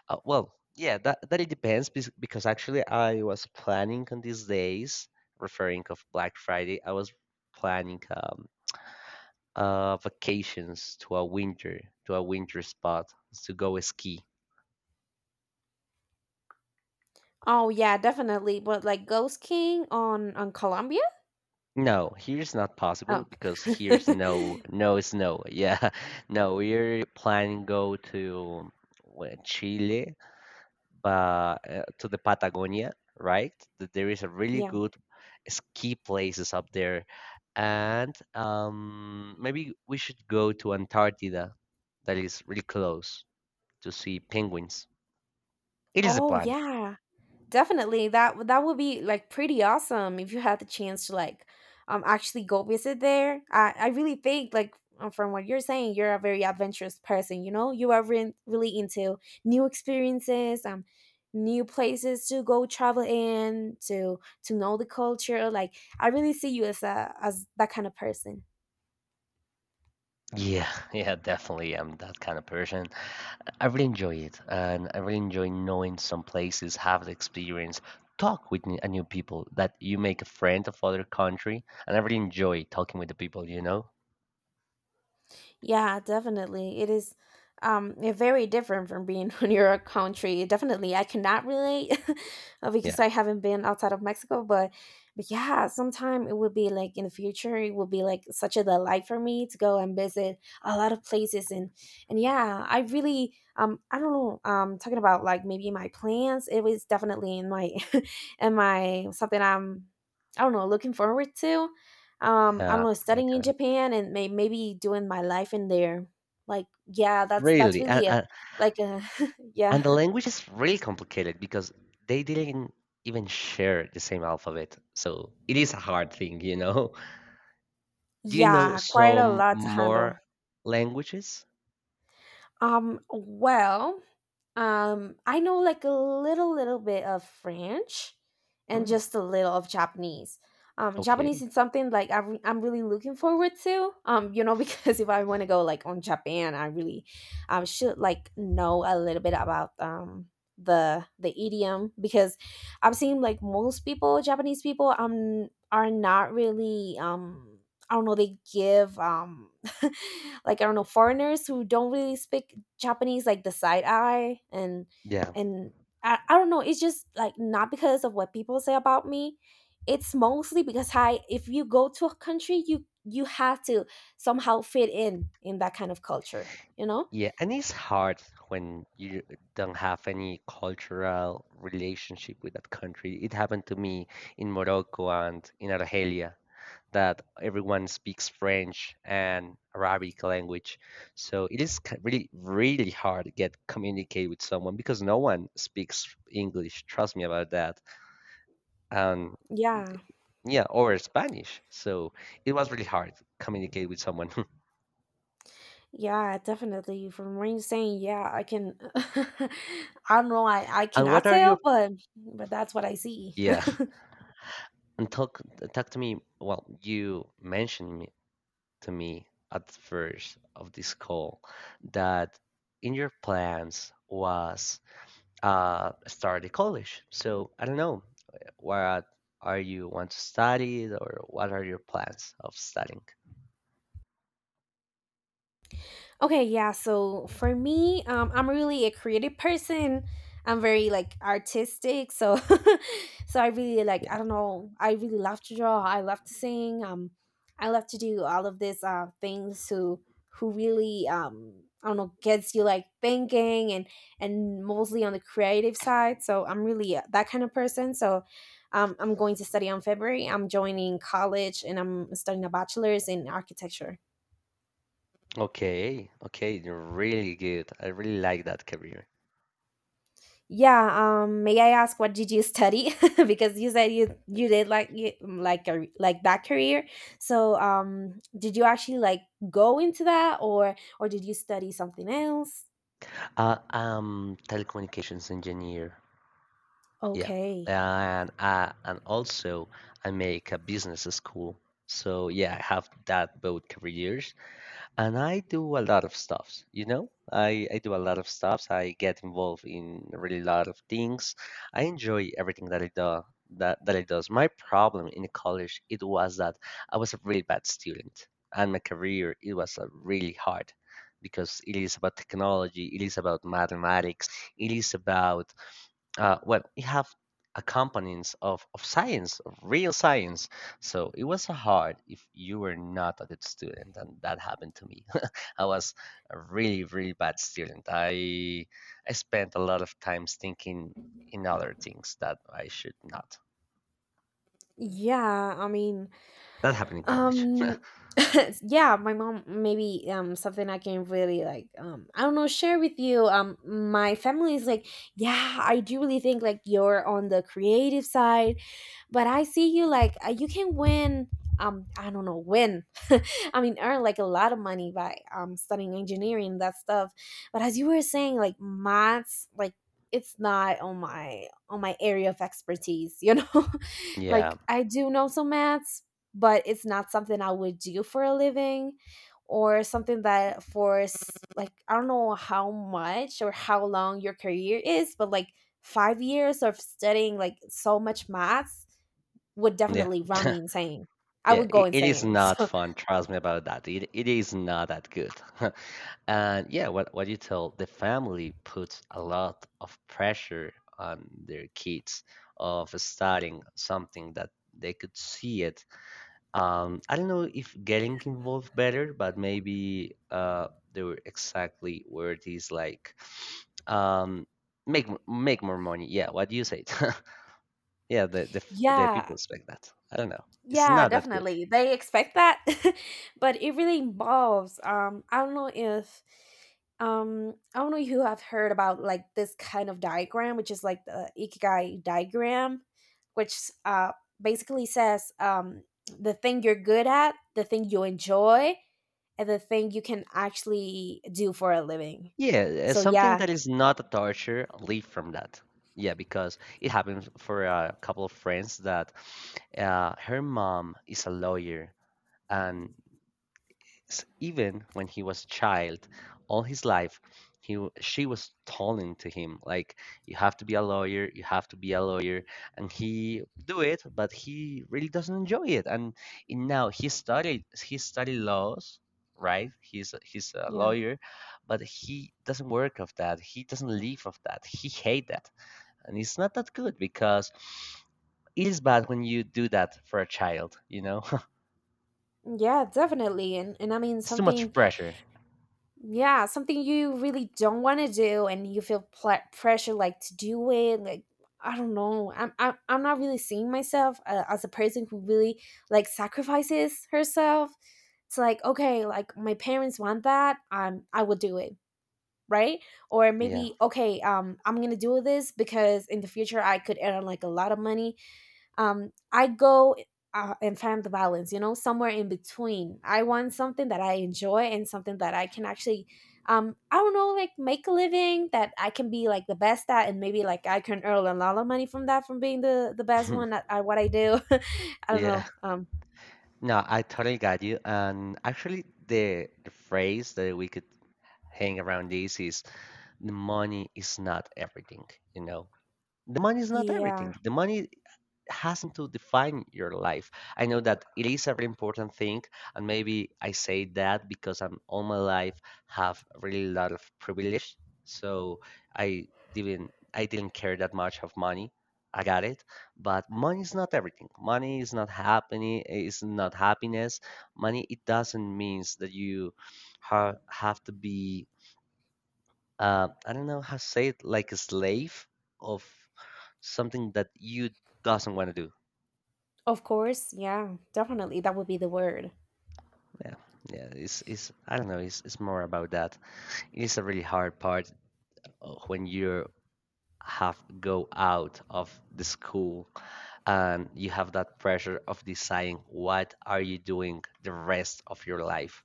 Speaker 1: Well, yeah, that it depends because actually I was planning on these days, referring of Black Friday, I was planning, vacations to a winter spot to go ski.
Speaker 2: Oh yeah, definitely. But like Ghost King on Colombia?
Speaker 1: No, here's not possible
Speaker 2: Oh.
Speaker 1: because here's no no snow. Yeah, no, we're planning go to, well, Chile. But to the Patagonia, right? That there is a really
Speaker 2: Yeah.
Speaker 1: good ski places up there, and maybe we should go to Antarctica, that is really close, to see penguins. It is a
Speaker 2: Oh
Speaker 1: plan.
Speaker 2: yeah. Definitely, that would be like pretty awesome if you had the chance to like actually go visit there. I really think like, from what you're saying, you're a very adventurous person. You know, you are really into new experiences, new places to go travel in, to know the culture. Like I really see you as a as that kind of person.
Speaker 1: Yeah, yeah, definitely. I'm that kind of person. I really enjoy it, and I really enjoy knowing some places, have the experience, talk with new people that you make a friend of other country, and I really enjoy talking with the people, you know?
Speaker 2: Yeah, definitely. It is very different from being in your country. Definitely, I cannot relate because
Speaker 1: Yeah,
Speaker 2: I haven't been outside of Mexico, but yeah, sometime it would be like in the future, it would be like such a delight for me to go and visit a lot of places and yeah, I really I don't know talking about like maybe my plans. It was definitely in my in my something I'm I don't know looking forward to, I don't
Speaker 1: yeah,
Speaker 2: know,
Speaker 1: like,
Speaker 2: studying in Japan and maybe doing my life in there, like, yeah, that's
Speaker 1: really, and,
Speaker 2: really a,
Speaker 1: and
Speaker 2: like a, yeah.
Speaker 1: and the language is really complicated because they didn't even share the same alphabet, so it is a hard thing, you know? Do you know
Speaker 2: Yeah, quite a
Speaker 1: some
Speaker 2: lot to handle.
Speaker 1: more languages?
Speaker 2: um well I know like a little bit of French and
Speaker 1: Mm,
Speaker 2: just a little of Japanese. Japanese
Speaker 1: okay,
Speaker 2: is something like I'm really looking forward to. You know, because if I want to go like on Japan, I really should like know a little bit about the idiom, because I've seen like most people, Japanese people, are not really I don't know, they give like I don't know, foreigners who don't really speak Japanese like the side eye. and
Speaker 1: yeah.
Speaker 2: and I don't know, it's just like not because of what people say about me, it's mostly because I, if you go to a country, you have to somehow fit in that kind of culture, you know?
Speaker 1: Yeah, and it's hard when you don't have any cultural relationship with that country. It happened to me in Morocco and in Argelia, that everyone speaks French and Arabic language. So it is really, really hard to get communicate with someone, because no one speaks English. Trust me about that. And
Speaker 2: Yeah,
Speaker 1: yeah, or Spanish. So it was really hard to communicate with someone.
Speaker 2: yeah, definitely. From what you're saying, yeah, I can. I don't know, I
Speaker 1: And
Speaker 2: cannot
Speaker 1: what are
Speaker 2: tell,
Speaker 1: your,
Speaker 2: but that's what I see.
Speaker 1: yeah. And talk to me. Well, you mentioned me, to me at first of this call that in your plans was start a college. So I don't know what are you want to study, or what are your plans of studying?
Speaker 2: Okay, yeah. So for me, I'm really a creative person. I'm very like artistic, so so I really like, I
Speaker 1: Yeah.
Speaker 2: don't know, I really love to draw. I love to sing. I love to do all of these things who really, I don't know, gets you like thinking and mostly on the creative side. So I'm really that kind of person. So. I'm going to study on February. I'm joining college and I'm studying a bachelor's in architecture.
Speaker 1: Okay. Okay. You're really good. I really like that career.
Speaker 2: Yeah, may I ask what did you study? Because you said you did like you, like a like that career. So, did you actually like go into that, or did you study something else?
Speaker 1: I'm telecommunications engineer. Yeah,
Speaker 2: Okay.
Speaker 1: and also I make a business school. So yeah, I have that both careers, and I do a lot of stuffs. You know, I do a lot of stuffs. I get involved in really lot of things. I enjoy everything that it does. My problem in college it was that I was a really bad student, and my career it was really hard because it is about technology, it is about mathematics, it is about well, it have accompaniments of science, of real science. So it was hard if you were not a good student, and that happened to me. I was a really, really bad student. I spent a lot of times thinking in other things that I should not.
Speaker 2: Yeah, I mean,
Speaker 1: That happened in college.
Speaker 2: um yeah, my mom, maybe something I can really like, I don't know, share with you. Um, my family is like, yeah, I do really think like you're on the creative side, but I see you like, you can win, I don't know, win, I mean, earn like a lot of money by studying engineering and that stuff. But as you were saying, like, maths, like, it's not on my on my area of expertise, you know?
Speaker 1: Yeah,
Speaker 2: like, I do know some maths, but it's not something I would do for a living, or something that like I don't know how much or how long your career is, but like, 5 years of studying like so much maths would
Speaker 1: yeah,
Speaker 2: definitely run me insane. I
Speaker 1: yeah.
Speaker 2: would go
Speaker 1: It is
Speaker 2: insane.
Speaker 1: not
Speaker 2: So
Speaker 1: fun. Trust me about that. It is not that good. And yeah, what you tell, the family puts a lot of pressure on their kids of studying something that they could see it. I don't know if getting involved better, but maybe they were exactly where it is like, um, make make more money. Yeah, what you said. Yeah, the
Speaker 2: yeah,
Speaker 1: people expect that. I don't know. It's
Speaker 2: yeah,
Speaker 1: not that good.
Speaker 2: definitely. They expect that, but it really involves. I don't know if I don't know if you have heard about like this kind of diagram, which is like the ikigai diagram, which basically says the thing you're good at, the thing you enjoy, and the thing you can actually do for a living.
Speaker 1: Yeah,
Speaker 2: So
Speaker 1: something
Speaker 2: yeah,
Speaker 1: that is not a torture. Leave from that. Yeah, because it happened for a couple of friends that her mom is a lawyer, and even when he was a child, all his life, she was telling to him like, "You have to be a lawyer. You have to be a lawyer." And he do it, but he really doesn't enjoy it. And in now he studied laws, right? He's a
Speaker 2: yeah,
Speaker 1: lawyer, but he doesn't work of that. He doesn't live of that. He hate that, and it's not that good because it is bad when you do that for a child. You know,
Speaker 2: yeah, definitely. And I mean
Speaker 1: it's too
Speaker 2: something.
Speaker 1: much pressure.
Speaker 2: Yeah, something you really don't want to do and you feel pressure like to do it, like, I don't know. I'm not really seeing myself as a person who really like sacrifices herself. It's like, okay, like my parents want that, I will do it, right? Or
Speaker 1: Yeah.
Speaker 2: maybe okay, I'm going to do this because in the future I could earn like a lot of money, I go, and find the balance, you know, somewhere in between. I want something that I enjoy and something that I can actually, I don't know, like make a living, that I can be like the best at, and maybe like I can earn a lot of money from that, from being the best one at what I do. I don't
Speaker 1: Yeah.
Speaker 2: know, um.
Speaker 1: No, I totally got you. And actually, the phrase that we could hang around this is the money is not everything, you know. The money is not
Speaker 2: Yeah.
Speaker 1: everything. The money hasn't to define your life. I know that it is a very important thing, and maybe I say that because I'm all my life have really lot of privilege, so I didn't care that much of money. I got it, but money is not everything. Money is not happening. Is not happiness. Money, it doesn't means that you have to be, I don't know how to say it, like a slave of something that you doesn't want to do.
Speaker 2: Of course, yeah, definitely, that would be the word.
Speaker 1: Yeah, yeah. It's I don't know. It's more about that. It is a really hard part, when you have go out of the school, and you have that pressure of deciding what are you doing the rest of your life.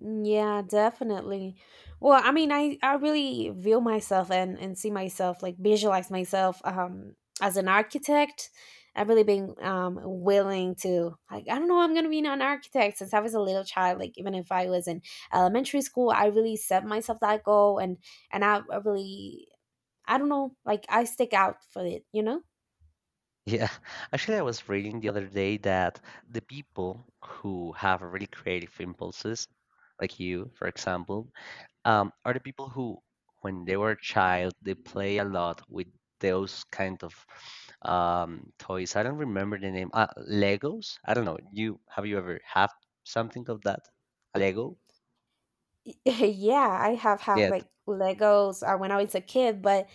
Speaker 2: Yeah, definitely. Well, I mean, I really view myself and see myself, like visualize myself as an architect. I've really been willing to, like, I don't know, I'm gonna be an architect since I was a little child. Like, even if I was in elementary school, I really set myself that goal, and I really, I don't know, like, I stick out for it, you know.
Speaker 1: Yeah, actually, I was reading the other day that the people who have really creative impulses, like you, for example, are the people who, when they were a child, they play a lot with those kind of, toys. I don't remember the name. Legos. I don't know. You ever had something of that? A Lego?
Speaker 2: yeah, I have had
Speaker 1: Yeah.
Speaker 2: like Legos when I was a kid,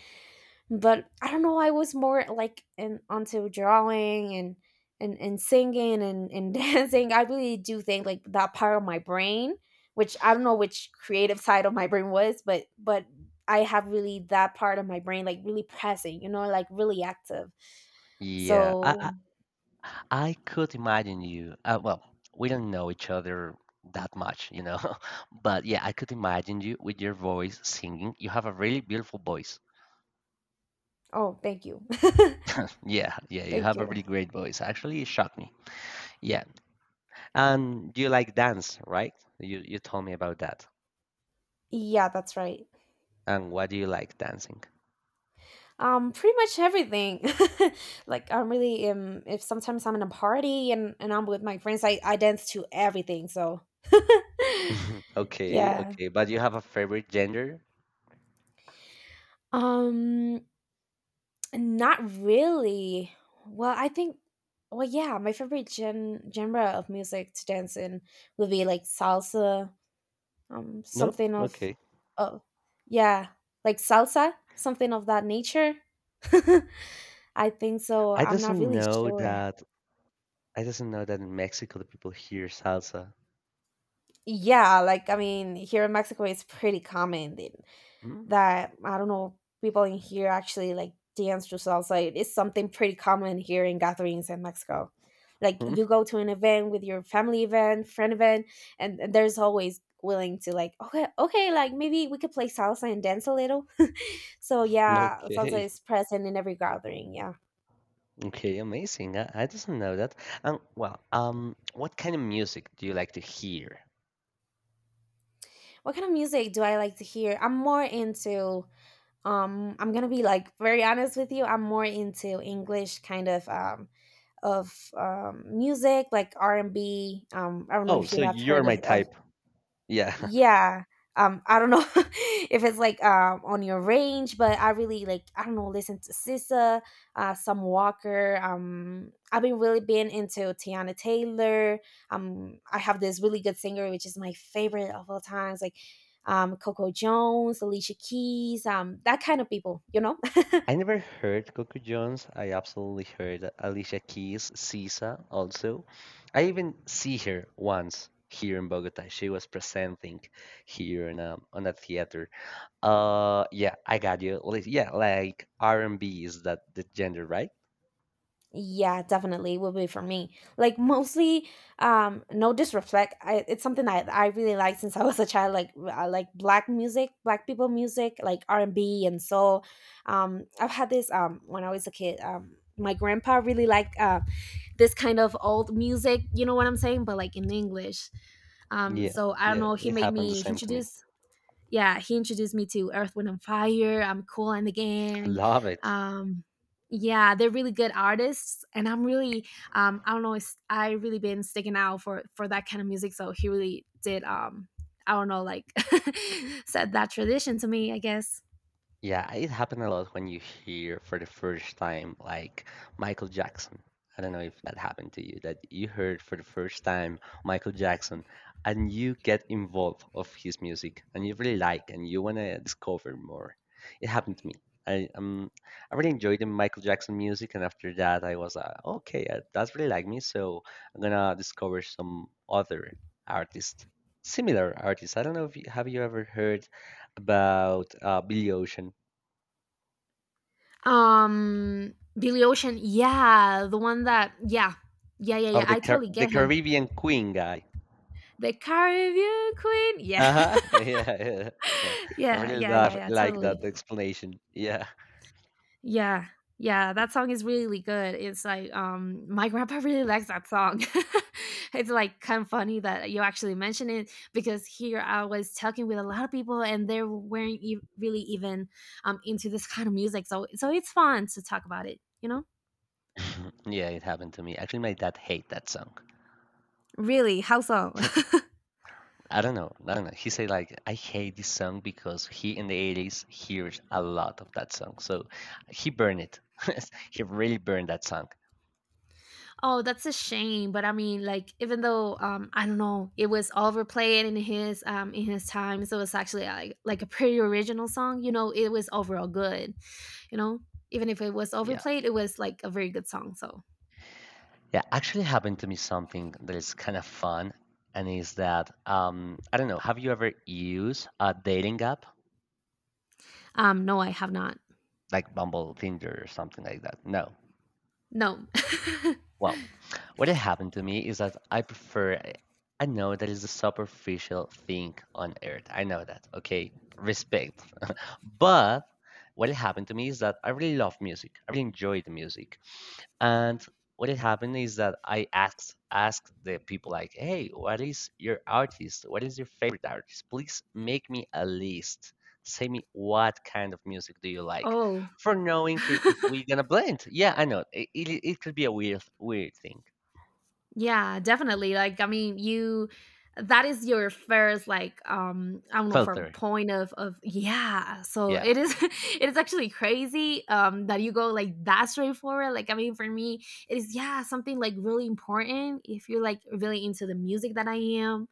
Speaker 2: but I don't know, I was more like onto drawing and singing and dancing. I really do think like that part of my brain, which I don't know which creative side of my brain was, but I have really that part of my brain like really present, you know, like really active.
Speaker 1: Yeah. I I,
Speaker 2: So,
Speaker 1: I could imagine you. Well, we don't know each other that much. But yeah, I could imagine you with your voice singing. You have a really beautiful voice.
Speaker 2: oh, thank you.
Speaker 1: Yeah, yeah, you
Speaker 2: thank
Speaker 1: have a
Speaker 2: you.
Speaker 1: really great voice. Actually, it shocked me. Yeah. And you like dance, right? You told me about that.
Speaker 2: Yeah, that's right.
Speaker 1: And why do you like dancing?
Speaker 2: Pretty much everything. like, I'm really, if sometimes I'm in a party, and I'm with my friends, I dance to everything, so
Speaker 1: Okay,
Speaker 2: yeah.
Speaker 1: okay. But you have a favorite gender?
Speaker 2: Um, not really. Well, I think, well, yeah, my favorite genre of music to dance in would be like salsa,
Speaker 1: No?
Speaker 2: something of,
Speaker 1: Okay.
Speaker 2: oh yeah, like salsa, something of that nature. I think so.
Speaker 1: I
Speaker 2: I'm not
Speaker 1: doesn't
Speaker 2: really
Speaker 1: know
Speaker 2: sure.
Speaker 1: that I doesn't know that in Mexico the people hear salsa.
Speaker 2: Yeah, like, I mean, here in Mexico, it's pretty common
Speaker 1: Hmm?
Speaker 2: that I don't know, people in here actually like dance to salsa. It is something pretty common here in gatherings in Mexico. Like,
Speaker 1: Hmm?
Speaker 2: you go to an event with your family event, friend event, and there's always willing to like, okay, okay, like maybe we could play salsa and dance a little. so yeah, salsa
Speaker 1: Okay.
Speaker 2: is present in every gathering. Yeah.
Speaker 1: Okay, amazing. I doesn't know that. And well, what kind of music do you like to hear?
Speaker 2: What kind of music do I like to hear? I'm more into, I'm gonna be like very honest with you. I'm more into English kind of music, like R and B. I don't know
Speaker 1: Oh,
Speaker 2: if you
Speaker 1: so
Speaker 2: have
Speaker 1: you're
Speaker 2: heard
Speaker 1: my
Speaker 2: of,
Speaker 1: type. Yeah.
Speaker 2: yeah, I don't know, if it's like on your range, but I really like, I don't know, listen to Sissa, Some Walker, I've been really been into Tiana Taylor, I have this really good singer which is my favorite of all times, like, Coco Jones, Alicia Keys, that kind of people, you know.
Speaker 1: I never heard Coco Jones. I absolutely heard Alicia Keys, Sisa also. I even see her once here in Bogota. She was presenting here on a theater. Yeah, I got you. Yeah, like R&B, is that the gender, right?
Speaker 2: Yeah, definitely will be for me. Like, mostly, no disrespect. It's something I really like since I was a child. Like, I like black music, black people music, like R and B and soul. I've had this when I was a kid. My grandpa really liked this kind of old music. You know what I'm saying? But like in English.
Speaker 1: Yeah,
Speaker 2: So I don't
Speaker 1: yeah,
Speaker 2: know, he
Speaker 1: it
Speaker 2: made
Speaker 1: happened the
Speaker 2: me
Speaker 1: same to me.
Speaker 2: introduce, yeah, he introduced me to Earth, Wind, and Fire. I'm cool and the gang.
Speaker 1: Love it.
Speaker 2: Um, yeah, they're really good artists, and I'm really, I don't know, I really been sticking out for that kind of music. So he really did, I don't know, like, set that tradition to me, I guess.
Speaker 1: Yeah, it happened a lot when you hear for the first time, like Michael Jackson. I don't know if that happened to you, that you heard for the first time Michael Jackson, and you get involved of his music, and you really like, and you want to discover more. It happened to me. I um I really enjoyed the Michael Jackson music, and after that I was, okay, that's really like me, so I'm gonna discover some other artist, similar artists. I don't know, if you, have you ever heard about, Billy Ocean,
Speaker 2: Billy Ocean, yeah, the one that, yeah, yeah, yeah, yeah.
Speaker 1: of the
Speaker 2: I
Speaker 1: Car-
Speaker 2: totally
Speaker 1: the
Speaker 2: get him.
Speaker 1: Caribbean Queen guy.
Speaker 2: The Caribbean Queen, yeah.
Speaker 1: Uh huh. Yeah, yeah, yeah. I
Speaker 2: yeah,
Speaker 1: really
Speaker 2: yeah, yeah,
Speaker 1: love
Speaker 2: yeah,
Speaker 1: like that
Speaker 2: totally.
Speaker 1: explanation. Yeah.
Speaker 2: Yeah. Yeah, that song is really good. It's like, my grandpa really likes that song. it's like kind of funny that you actually mention it, because here I was talking with a lot of people and they weren't really even into this kind of music. So, so it's fun to talk about it, you know?
Speaker 1: Yeah, it happened to me. Actually, my dad hate that song.
Speaker 2: Really? How so?
Speaker 1: I don't know. I don't know. He said like, "I hate this song," because he in the 80s hears a lot of that song. So he burned it. He really burned that song.
Speaker 2: Oh, that's a shame. But I mean, like, even though, I don't know, it was overplayed in his time, so it's actually like a pretty original song. You know, it was overall good. You know, even if it was
Speaker 1: Yeah.
Speaker 2: overplayed, it was like a very good song, so
Speaker 1: Yeah, actually happened to me something that is kind of fun and is that I don't know, have you ever used a dating app?
Speaker 2: no, I have not.
Speaker 1: Like Bumble, Tinder, or something like that. No.
Speaker 2: No.
Speaker 1: Well, what had happened to me is that I prefer. I know that is the superficial thing on earth. I know that. Okay, respect. But what had happened to me is that I really love music. I really enjoy the music, and what had happened is that I asked the people like, "Hey, what is your artist? What is your favorite artist? Please make me a list. Say me what kind of music do you like,
Speaker 2: Oh.
Speaker 1: for knowing if we're gonna blend." Yeah, I know it. It could be a weird thing.
Speaker 2: Yeah, definitely. Like i mean you that is your first, like, I don't know, from
Speaker 1: Filter.
Speaker 2: point of yeah, so
Speaker 1: Yeah.
Speaker 2: it is, it is actually crazy that you go like that straightforward. Like, I mean, for me it is, yeah, something like really important if you're like really into the music that I am.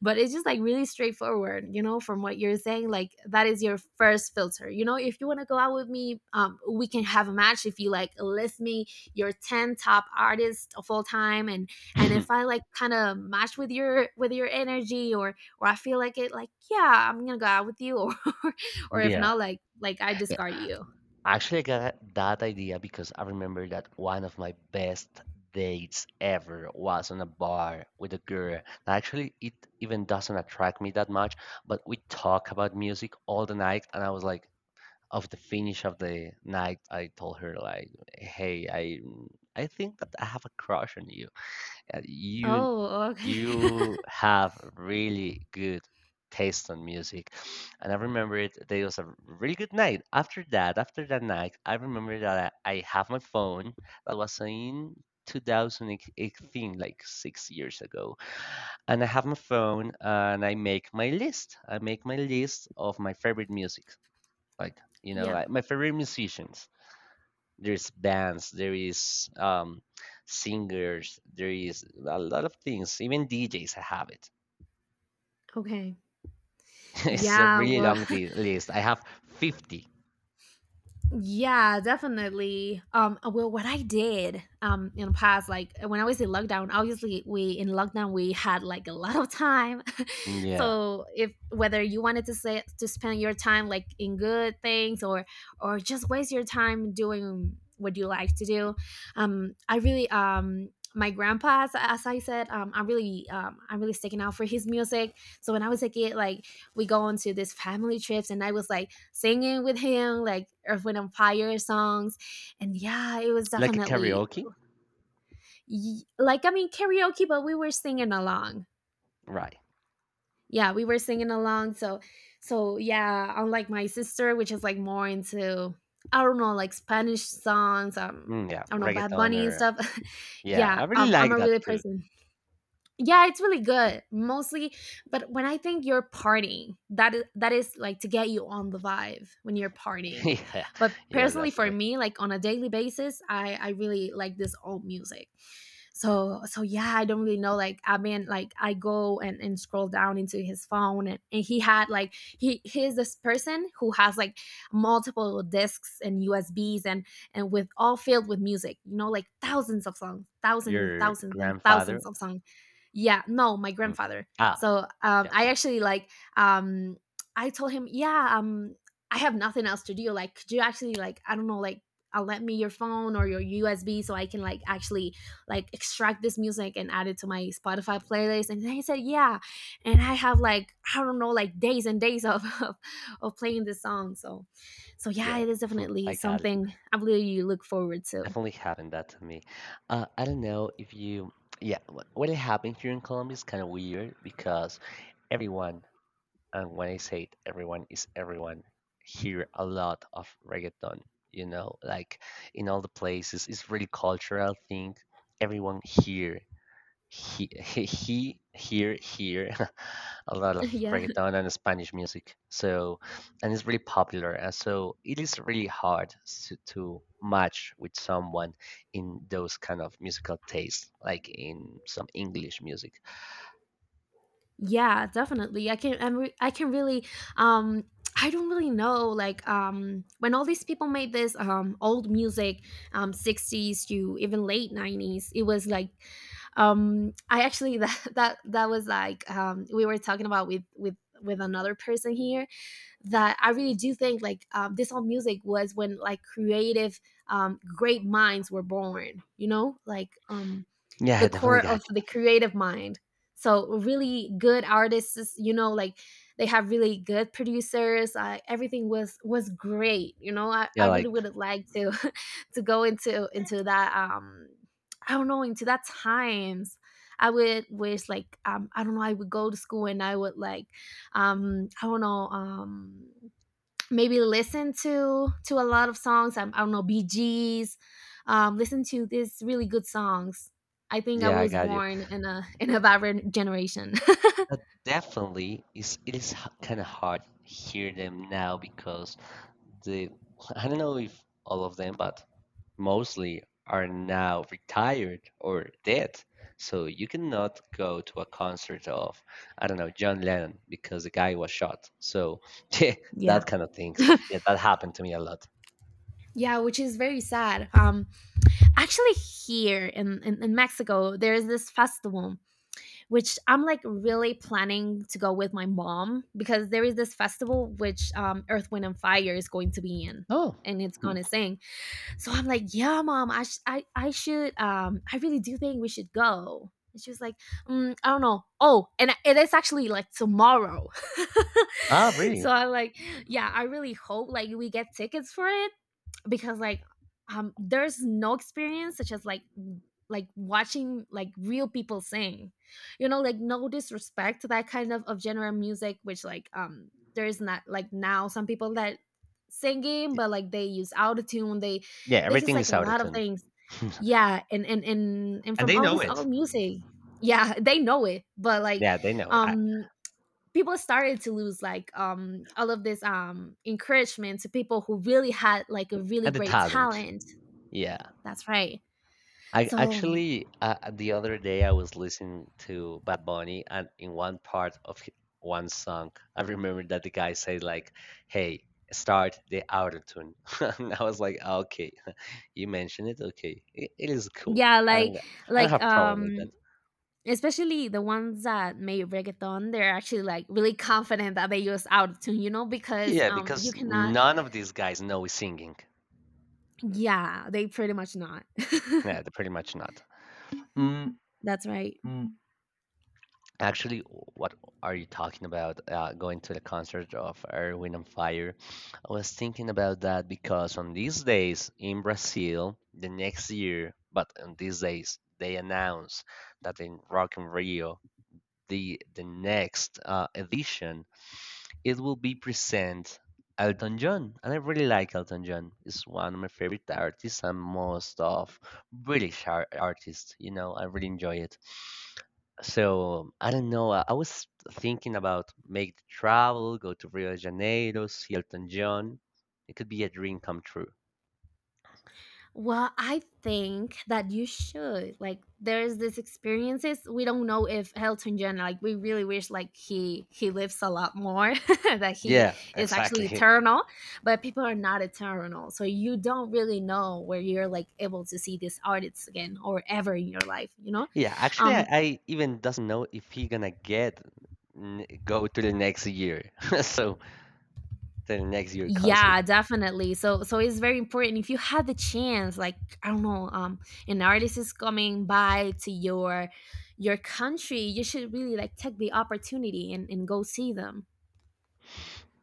Speaker 2: But it's just like really straightforward, you know, from what you're saying, like that is your first filter. You know, if you want to go out with me, we can have a match if you like list me your 10 top artists of all time, and and if I like kind of match with your energy, or I feel like it, like, yeah, I'm gonna go out with you. Or or if
Speaker 1: Yeah.
Speaker 2: not, like I discard you.
Speaker 1: Actually, I got that idea because I remember that one of my best dates ever was on a bar with a girl. Now, actually, it even doesn't attract me that much, but we talk about music all the night, and I was like, of the finish of the night, I told her like, "Hey, I think that I have a crush on you. Uh, You
Speaker 2: Oh, okay.
Speaker 1: you have really good taste on music." And I remember it, that was a really good night. After that night, I remember that I have my phone that was in 2018, like 6 years ago. And I have my phone and I make my list. I make my list of my favorite music, like, you know,
Speaker 2: Yeah.
Speaker 1: like my favorite musicians, there's bands, there is singers, there is a lot of things, even DJs, I have it.
Speaker 2: Okay.
Speaker 1: It's a
Speaker 2: Yeah.
Speaker 1: really
Speaker 2: Well,
Speaker 1: long list, I have 50.
Speaker 2: yeah, definitely. Well, what I did in the past, like when I was in lockdown, obviously we — in lockdown we had like a lot of time.
Speaker 1: Mm, yeah.
Speaker 2: So if whether you wanted to say to spend your time like in good things, or just waste your time doing what you like to do, I really my grandpa, as I said, I'm really sticking out for his music. So when I was a kid, like we go on to these family trips, and I was like singing with him like Earth, Wind, and Fire songs. And yeah, it was
Speaker 1: Like a
Speaker 2: definitely
Speaker 1: karaoke,
Speaker 2: like — I mean, karaoke, but we were singing along.
Speaker 1: right?
Speaker 2: Yeah, we were singing along. So, so yeah, unlike my sister, which is like more into, I don't know, like Spanish songs,
Speaker 1: Mm, yeah,
Speaker 2: I don't know, Bad
Speaker 1: reggaeton
Speaker 2: Bunny and
Speaker 1: or
Speaker 2: stuff.
Speaker 1: yeah,
Speaker 2: Yeah,
Speaker 1: I really
Speaker 2: I'm
Speaker 1: like
Speaker 2: a
Speaker 1: that
Speaker 2: really
Speaker 1: too.
Speaker 2: person. Yeah, it's really good. Mostly, but when I think you're partying, that is like to get you on the vibe when you're partying.
Speaker 1: Yeah.
Speaker 2: But
Speaker 1: Yeah,
Speaker 2: personally for
Speaker 1: definitely.
Speaker 2: me, like on a daily basis, I really like this old music. So so yeah, I don't really know. Like I mean, like I go and scroll down into his phone, and he had like — he is this person who has like multiple discs and USBs, and with all filled with music, you know, like thousands of songs, thousands and
Speaker 1: Your
Speaker 2: thousands and
Speaker 1: grandfather.
Speaker 2: thousands of songs. Yeah, no, my
Speaker 1: Mm.
Speaker 2: grandfather.
Speaker 1: Ah,
Speaker 2: So
Speaker 1: yeah,
Speaker 2: I actually like, um, I told him, yeah, I have nothing else to do. Like, could you actually, like, I don't know, like, let me your phone or your USB so I can like actually like extract this music and add it to my Spotify playlist. And then he said, "Yeah," and I have like, I don't know, like, days and days of of playing this song. So, so yeah,
Speaker 1: yeah.
Speaker 2: it is definitely
Speaker 1: I got it.
Speaker 2: something I believe you look forward to.
Speaker 1: Definitely happened that to me. I don't know if you. Yeah, what happened here in Colombia is kind of weird because everyone, and when I say it, everyone is everyone, hear a lot of reggaeton, like in all the places. It's really cultural thing. Everyone here, he here, a lot of
Speaker 2: Yeah.
Speaker 1: reggaeton and Spanish music. So, and it's really popular. And so it is really hard to match with someone in those kind of musical tastes, like in some English music.
Speaker 2: Yeah, definitely. I can really um I don't really know, like, when all these people made this old music, 60s to even late 90s, it was like, I actually that was like, we were talking about with with another person here, that I really do think like, this old music was when like creative great minds were born, you know, like,
Speaker 1: Yeah,
Speaker 2: the
Speaker 1: I
Speaker 2: core
Speaker 1: definitely
Speaker 2: of
Speaker 1: got
Speaker 2: the
Speaker 1: you.
Speaker 2: creative mind. So really good artists, you know, like they have really good producers. Everything was great. You know, I
Speaker 1: Yeah,
Speaker 2: really
Speaker 1: like,
Speaker 2: would have liked to to go into that I don't know, into that times. I would wish like, I don't know, I would go to school and I would like, I don't know, maybe listen to a lot of songs. I don't know, BGS. Listen to these really good songs. I think I
Speaker 1: yeah, I
Speaker 2: was
Speaker 1: got you.
Speaker 2: born in a in a vibrant generation.
Speaker 1: But definitely, it is kind of hard hear them now because the I don't know if all of them, but mostly are now retired or dead. So you cannot go to a concert of I don't know John Lennon because the guy was shot. So yeah,
Speaker 2: Yeah.
Speaker 1: that kind of things. Yeah, that happened to me a lot.
Speaker 2: Yeah, which is very sad. Actually, here in Mexico, there is this festival which I'm like really planning to go with my mom, because there is this festival which, Earth, Wind, and Fire is going to be in,
Speaker 1: Oh,
Speaker 2: and it's gonna sing. So I'm like, yeah, mom, I, sh- I should, I really do think we should go. And she was like, mm, I don't know. Oh, and I- it is actually like tomorrow.
Speaker 1: ah, really?
Speaker 2: So I'm like, yeah, I really hope like we get tickets for it, because like there's no experience such as like watching like real people sing, you know, like no disrespect to that kind of genre of music which like, there's not like now some people that singing but like they use autotune,
Speaker 1: Yeah,
Speaker 2: they use
Speaker 1: everything
Speaker 2: like
Speaker 1: is
Speaker 2: a
Speaker 1: out of
Speaker 2: lot of
Speaker 1: tune,
Speaker 2: things. Yeah, and and
Speaker 1: and
Speaker 2: from
Speaker 1: they
Speaker 2: all
Speaker 1: know
Speaker 2: this
Speaker 1: it.
Speaker 2: all music. Yeah, they know it, but like,
Speaker 1: Yeah, they know it.
Speaker 2: um people started to lose like, all of this encouragement to people who really had like a really
Speaker 1: And the
Speaker 2: great
Speaker 1: talent.
Speaker 2: talent.
Speaker 1: Yeah.
Speaker 2: That's right.
Speaker 1: I
Speaker 2: So
Speaker 1: actually the other day I was listening to Bad Bunny and in one part of one song I remember that the guy said like, "Hey, start the auto tune," and I was like, "Ah, Okay, you mentioned it. Okay, it is cool.
Speaker 2: yeah,
Speaker 1: I
Speaker 2: like,
Speaker 1: don't I don't
Speaker 2: like
Speaker 1: have problem
Speaker 2: um
Speaker 1: with that."
Speaker 2: especially the ones that made reggaeton, they're actually like really confident that they use autotune, you know, because
Speaker 1: Yeah,
Speaker 2: you
Speaker 1: because
Speaker 2: cannot —
Speaker 1: none of these guys know singing.
Speaker 2: yeah, they pretty much not.
Speaker 1: Yeah, they're pretty much not. Mm.
Speaker 2: That's right.
Speaker 1: Actually, what are you talking about? Going to the concert of Earth, Wind, and Fire. I was thinking about that because on these days in Brazil, the next year, but on these days, they announced that in Rock in Rio, the next edition it will be present Elton John, and I really like Elton John. He's one of my favorite artists and most of British artists. I really enjoy it. So I don't know. I was thinking about make the travel, go to Rio de Janeiro, see Elton John. It could be a dream come true.
Speaker 2: Well, I think that you should. Like, there's this experiences. We don't know if Elton John — like we really wish like he lives a lot more that he
Speaker 1: Yeah,
Speaker 2: is actually
Speaker 1: exactly.
Speaker 2: eternal, but people are not eternal. So you don't really know where you're like able to see these artists again or ever in your life, you know?
Speaker 1: Yeah, actually, I,
Speaker 2: Um,
Speaker 1: I even doesn't know if he gonna get go to the next year. So to the next year concert.
Speaker 2: yeah, definitely. So so it's very important if you had the chance, like, I don't know, an artist is coming by to your country, you should really like take the opportunity and go see them.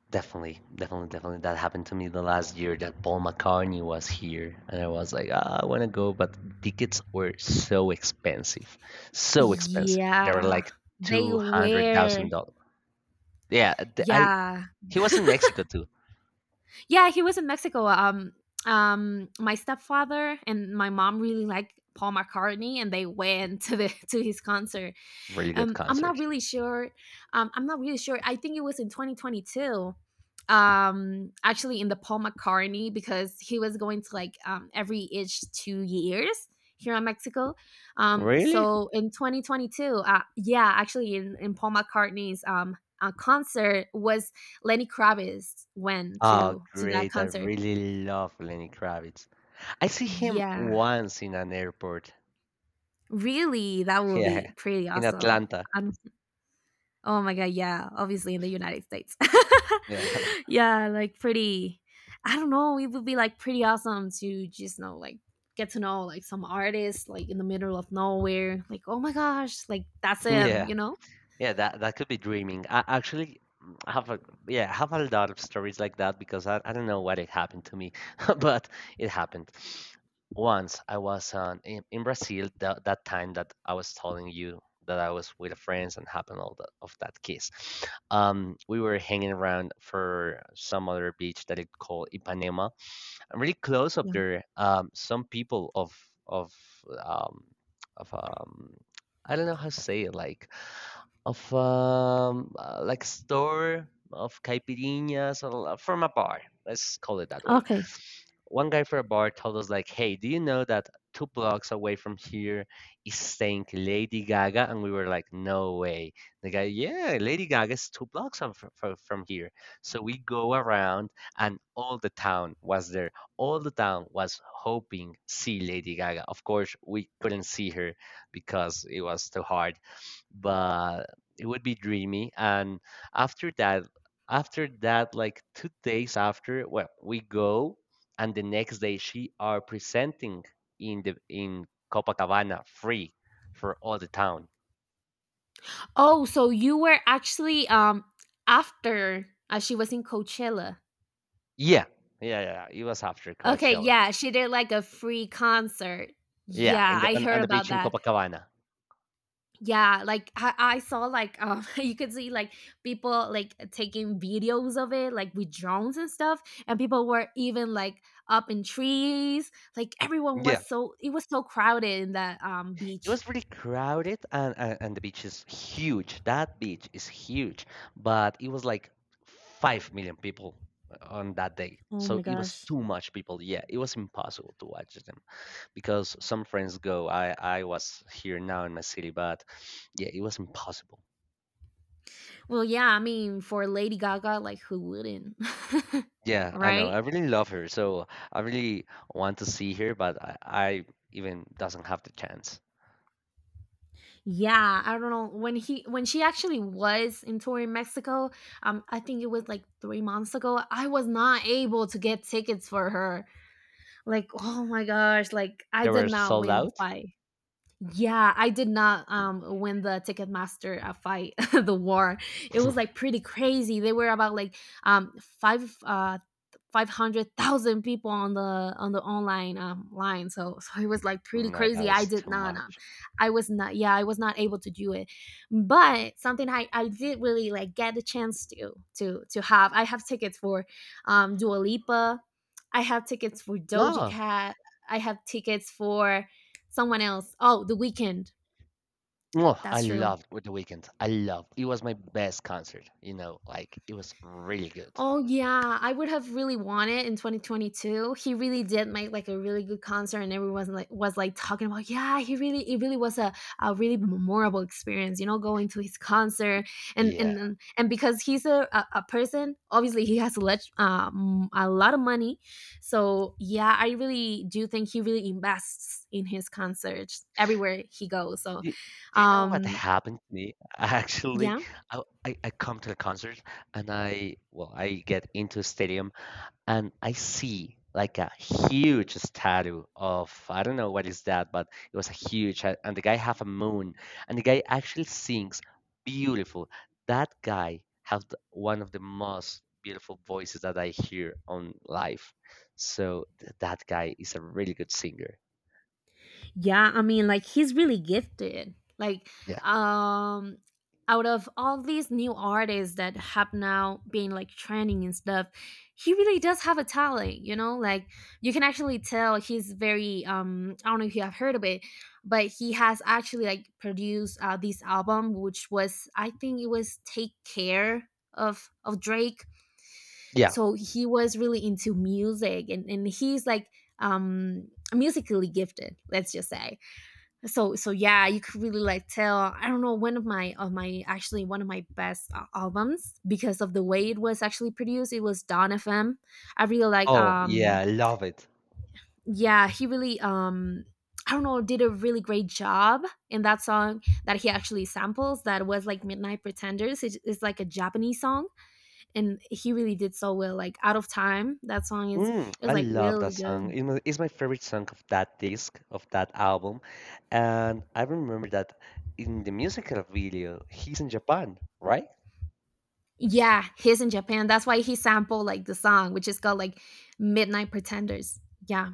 Speaker 1: Definitely, definitely, definitely. That happened to me the last year that Paul McCartney was here, and I was like, ah, I want to go, but tickets were so expensive, so expensive. They were
Speaker 2: Yeah.
Speaker 1: like
Speaker 2: They
Speaker 1: two hundred
Speaker 2: were —
Speaker 1: thousand dollars. Yeah, th- I
Speaker 2: yeah.
Speaker 1: he was in Mexico too.
Speaker 2: Yeah, he was in Mexico. Um, my stepfather and my mom really like Paul McCartney, and they went to the to his concert.
Speaker 1: Really good
Speaker 2: I'm
Speaker 1: concert.
Speaker 2: not really sure. I'm not really sure. I think it was in 2022. Actually, in the Paul McCartney, because he was going to like, every each 2 years here in Mexico.
Speaker 1: Really?
Speaker 2: So in 2022, yeah, actually, in Paul McCartney's concert was Lenny Kravitz, went
Speaker 1: Oh,
Speaker 2: to that
Speaker 1: great! I
Speaker 2: concert.
Speaker 1: really love Lenny Kravitz. I see him
Speaker 2: Yeah,
Speaker 1: once in an airport.
Speaker 2: really, that will be
Speaker 1: Yeah,
Speaker 2: pretty
Speaker 1: in
Speaker 2: awesome.
Speaker 1: Atlanta.
Speaker 2: Oh my god, yeah, obviously in the United States.
Speaker 1: Yeah,
Speaker 2: Yeah, like pretty — I don't know, it would be like pretty awesome to just know like get to know like some artist like in the middle of nowhere. Like, oh my gosh, like that's him,
Speaker 1: yeah.
Speaker 2: you know?
Speaker 1: Yeah, that could be dreaming. I actually have a yeah, I have a lot of stories like that because I don't know what it happened to me, but it happened. Once I was in Brazil that that time that I was telling you that I was with friends and happened all that of that kiss. We were hanging around for some other beach that it called Ipanema. I'm really close up
Speaker 2: Yeah.
Speaker 1: there. Some people of of um of um I don't know how to say it, like of like store of caipirinhas, or from a bar. Let's call it that way.
Speaker 2: Okay.
Speaker 1: One guy from a bar told us like, "Hey, do you know that 2 blocks away from here is staying Lady Gaga?" And we were like, "No way." The guy, "Yeah, Lady Gaga is 2 blocks from here." So we go around, and all the town was there. All the town was hoping see Lady Gaga. Of course, we couldn't see her because it was too hard, but it would be dreamy. And after that, like 2 days after, well, we go, and the next day she are presenting in Copacabana free for all the town.
Speaker 2: Oh, so you were actually after she was in Coachella.
Speaker 1: Yeah, yeah, yeah. Yeah, it was after
Speaker 2: Okay,
Speaker 1: Coachella.
Speaker 2: yeah, she did like a free concert.
Speaker 1: Yeah,
Speaker 2: Yeah,
Speaker 1: in the
Speaker 2: I
Speaker 1: on,
Speaker 2: heard
Speaker 1: on the
Speaker 2: about
Speaker 1: beach in
Speaker 2: that.
Speaker 1: Copacabana.
Speaker 2: Yeah, like I saw like, you could see like people like taking videos of it like with drones and stuff, and people were even like up in trees, like everyone was —
Speaker 1: Yeah.
Speaker 2: so it was so crowded in that
Speaker 1: It
Speaker 2: beach.
Speaker 1: was really crowded, and, and the beach is huge. That beach is huge, but it was like 5 million people on that day.
Speaker 2: Oh my
Speaker 1: So it was
Speaker 2: gosh.
Speaker 1: too much people. Yeah, it was impossible to watch them because some friends go. I was here now in my city, but yeah, it was impossible.
Speaker 2: Well, yeah, I mean, for Lady Gaga, like, who wouldn't?
Speaker 1: Yeah, I know.
Speaker 2: Right.
Speaker 1: I really love her, so I really want to see her, but I even doesn't have the chance.
Speaker 2: Yeah, I don't know when he — when she actually was in tour in Mexico, I think it was like 3 months ago, I was not able to get tickets for her. Like, oh my gosh, like I
Speaker 1: They
Speaker 2: did
Speaker 1: were
Speaker 2: not
Speaker 1: sold
Speaker 2: win the
Speaker 1: out.
Speaker 2: fight. Yeah, I did not win the Ticketmaster fight, the war. It
Speaker 1: Mm.
Speaker 2: was like pretty crazy. They were about like, um five uh 500,000 people on the online line. So so it was like pretty
Speaker 1: No, that
Speaker 2: crazy. I
Speaker 1: was
Speaker 2: did
Speaker 1: too
Speaker 2: not,
Speaker 1: much.
Speaker 2: I was not, yeah, I was not able to do it. But something I — did really like get the chance to have. I have tickets for, Dua Lipa. I have tickets for Doja
Speaker 1: No.
Speaker 2: Cat. I have tickets for someone else. Oh, The Weekend.
Speaker 1: Oh, I
Speaker 2: That's true.
Speaker 1: loved with The Weeknd. I loved. It was my best concert, like it was really good.
Speaker 2: Oh yeah, I would have really wanted in 2022. He really did make like a really good concert, and everyone was like — was talking about — yeah, he really, it really was a really memorable experience, you know, going to his concert and
Speaker 1: Yeah.
Speaker 2: and because he's a person, obviously he has a lot of money, so yeah, I really do think he really invests in his concerts everywhere he goes. So,
Speaker 1: Do, do you know what
Speaker 2: um,
Speaker 1: happened to me? Actually,
Speaker 2: yeah.
Speaker 1: I come to the concert and I well I get into a stadium and I see like a huge statue of I don't know what is that, but it was a huge, and the guy have a moon, and the guy actually sings beautiful. That guy has one of the most beautiful voices that I hear on live. So that guy is a really good singer.
Speaker 2: Yeah, I mean, like he's really gifted. Like,
Speaker 1: Yeah.
Speaker 2: um, out of all these new artists that have now been like trending and stuff, he really does have a talent. You know, like, you can actually tell he's very. I don't know if you have heard of it, but he has actually like produced, this album, which was I think it was Take Care, of Drake.
Speaker 1: Yeah.
Speaker 2: So he was really into music, and he's like, um musically gifted. Let's just say. So yeah, you could really like tell. I don't know, one of my actually one of my best albums, because of the way it was actually produced, it was Don FM. I really like
Speaker 1: Oh yeah, love it.
Speaker 2: yeah he really I don't know, did a really great job in that song that he actually samples, that was like Midnight Pretenders. It's like a Japanese song, and he really did so well. Like, out of time that song is.
Speaker 1: Mm,
Speaker 2: It was
Speaker 1: I
Speaker 2: like
Speaker 1: love that
Speaker 2: really good.
Speaker 1: song. It's my favorite song of that disc, of that album. And I remember that in the musical video, he's in Japan, right?
Speaker 2: Yeah, he's in Japan. That's why he sampled like the song, which is called like Midnight Pretenders. Yeah.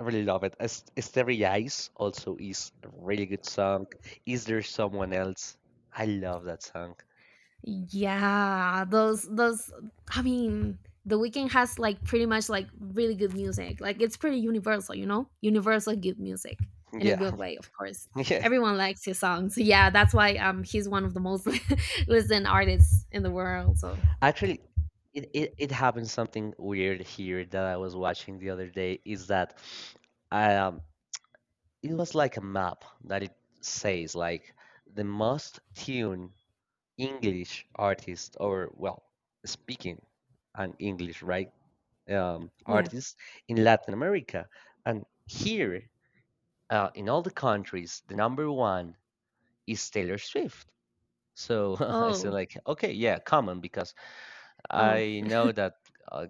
Speaker 1: I really love it. Starry Eyes also is a really good song. Is There Someone Else? I love that song.
Speaker 2: Yeah. Those, I mean, the Weeknd has like pretty much like really good music. Like, it's pretty universal, you know? Universal good music. In a
Speaker 1: Yeah,
Speaker 2: good way, of course.
Speaker 1: yeah.
Speaker 2: Everyone likes his songs. Yeah, that's why he's one of the most listened artists in the world. So
Speaker 1: Actually, it happened something weird here that I was watching the other day is that um it was like a map that it says like the most tuned English artist or well speaking an English right
Speaker 2: yeah.
Speaker 1: artist in Latin America and here in all the countries the number one is Taylor Swift so I said
Speaker 2: Oh,
Speaker 1: like okay yeah common because
Speaker 2: oh.
Speaker 1: I know that uh,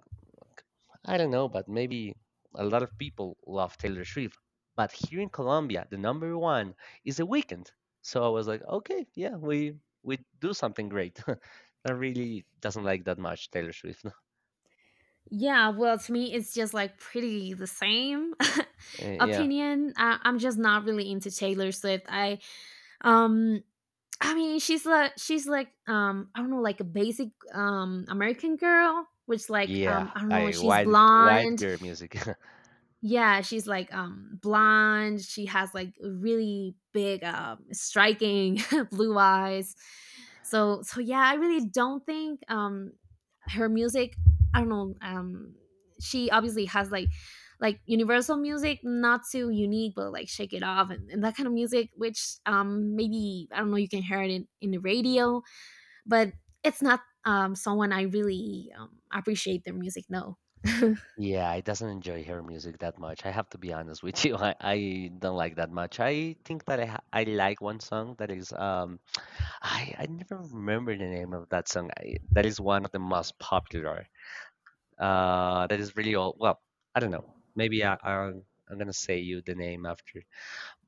Speaker 1: I don't know, but maybe a lot of people love Taylor Swift. But here in Colombia, the number one is The Weeknd. So I was like, okay, yeah, we do something great. I really doesn't like that much Taylor Swift.
Speaker 2: Yeah, well, to me, it's just like pretty the same
Speaker 1: Yeah,
Speaker 2: opinion. I'm just not really into Taylor Swift. Um, I mean, she's like I don't know, like a basic American girl, which like
Speaker 1: yeah,
Speaker 2: I don't know,
Speaker 1: I
Speaker 2: she's
Speaker 1: wide
Speaker 2: blonde.
Speaker 1: girl music.
Speaker 2: Yeah, she's like blonde. She has like really big, striking blue eyes. So yeah, I really don't think her music, I don't know, she obviously has like universal music, not too unique, but like Shake It Off and that kind of music, which maybe I don't know, you can hear it in the radio. But it's not someone I really appreciate their music. No.
Speaker 1: Yeah, I doesn't enjoy her music that much. I have to be honest with you. I don't like that much. I think that I like one song that is I never remember the name of that song. That is one of the most popular. That is really old. Well, I don't know. Maybe I'm gonna say you the name after.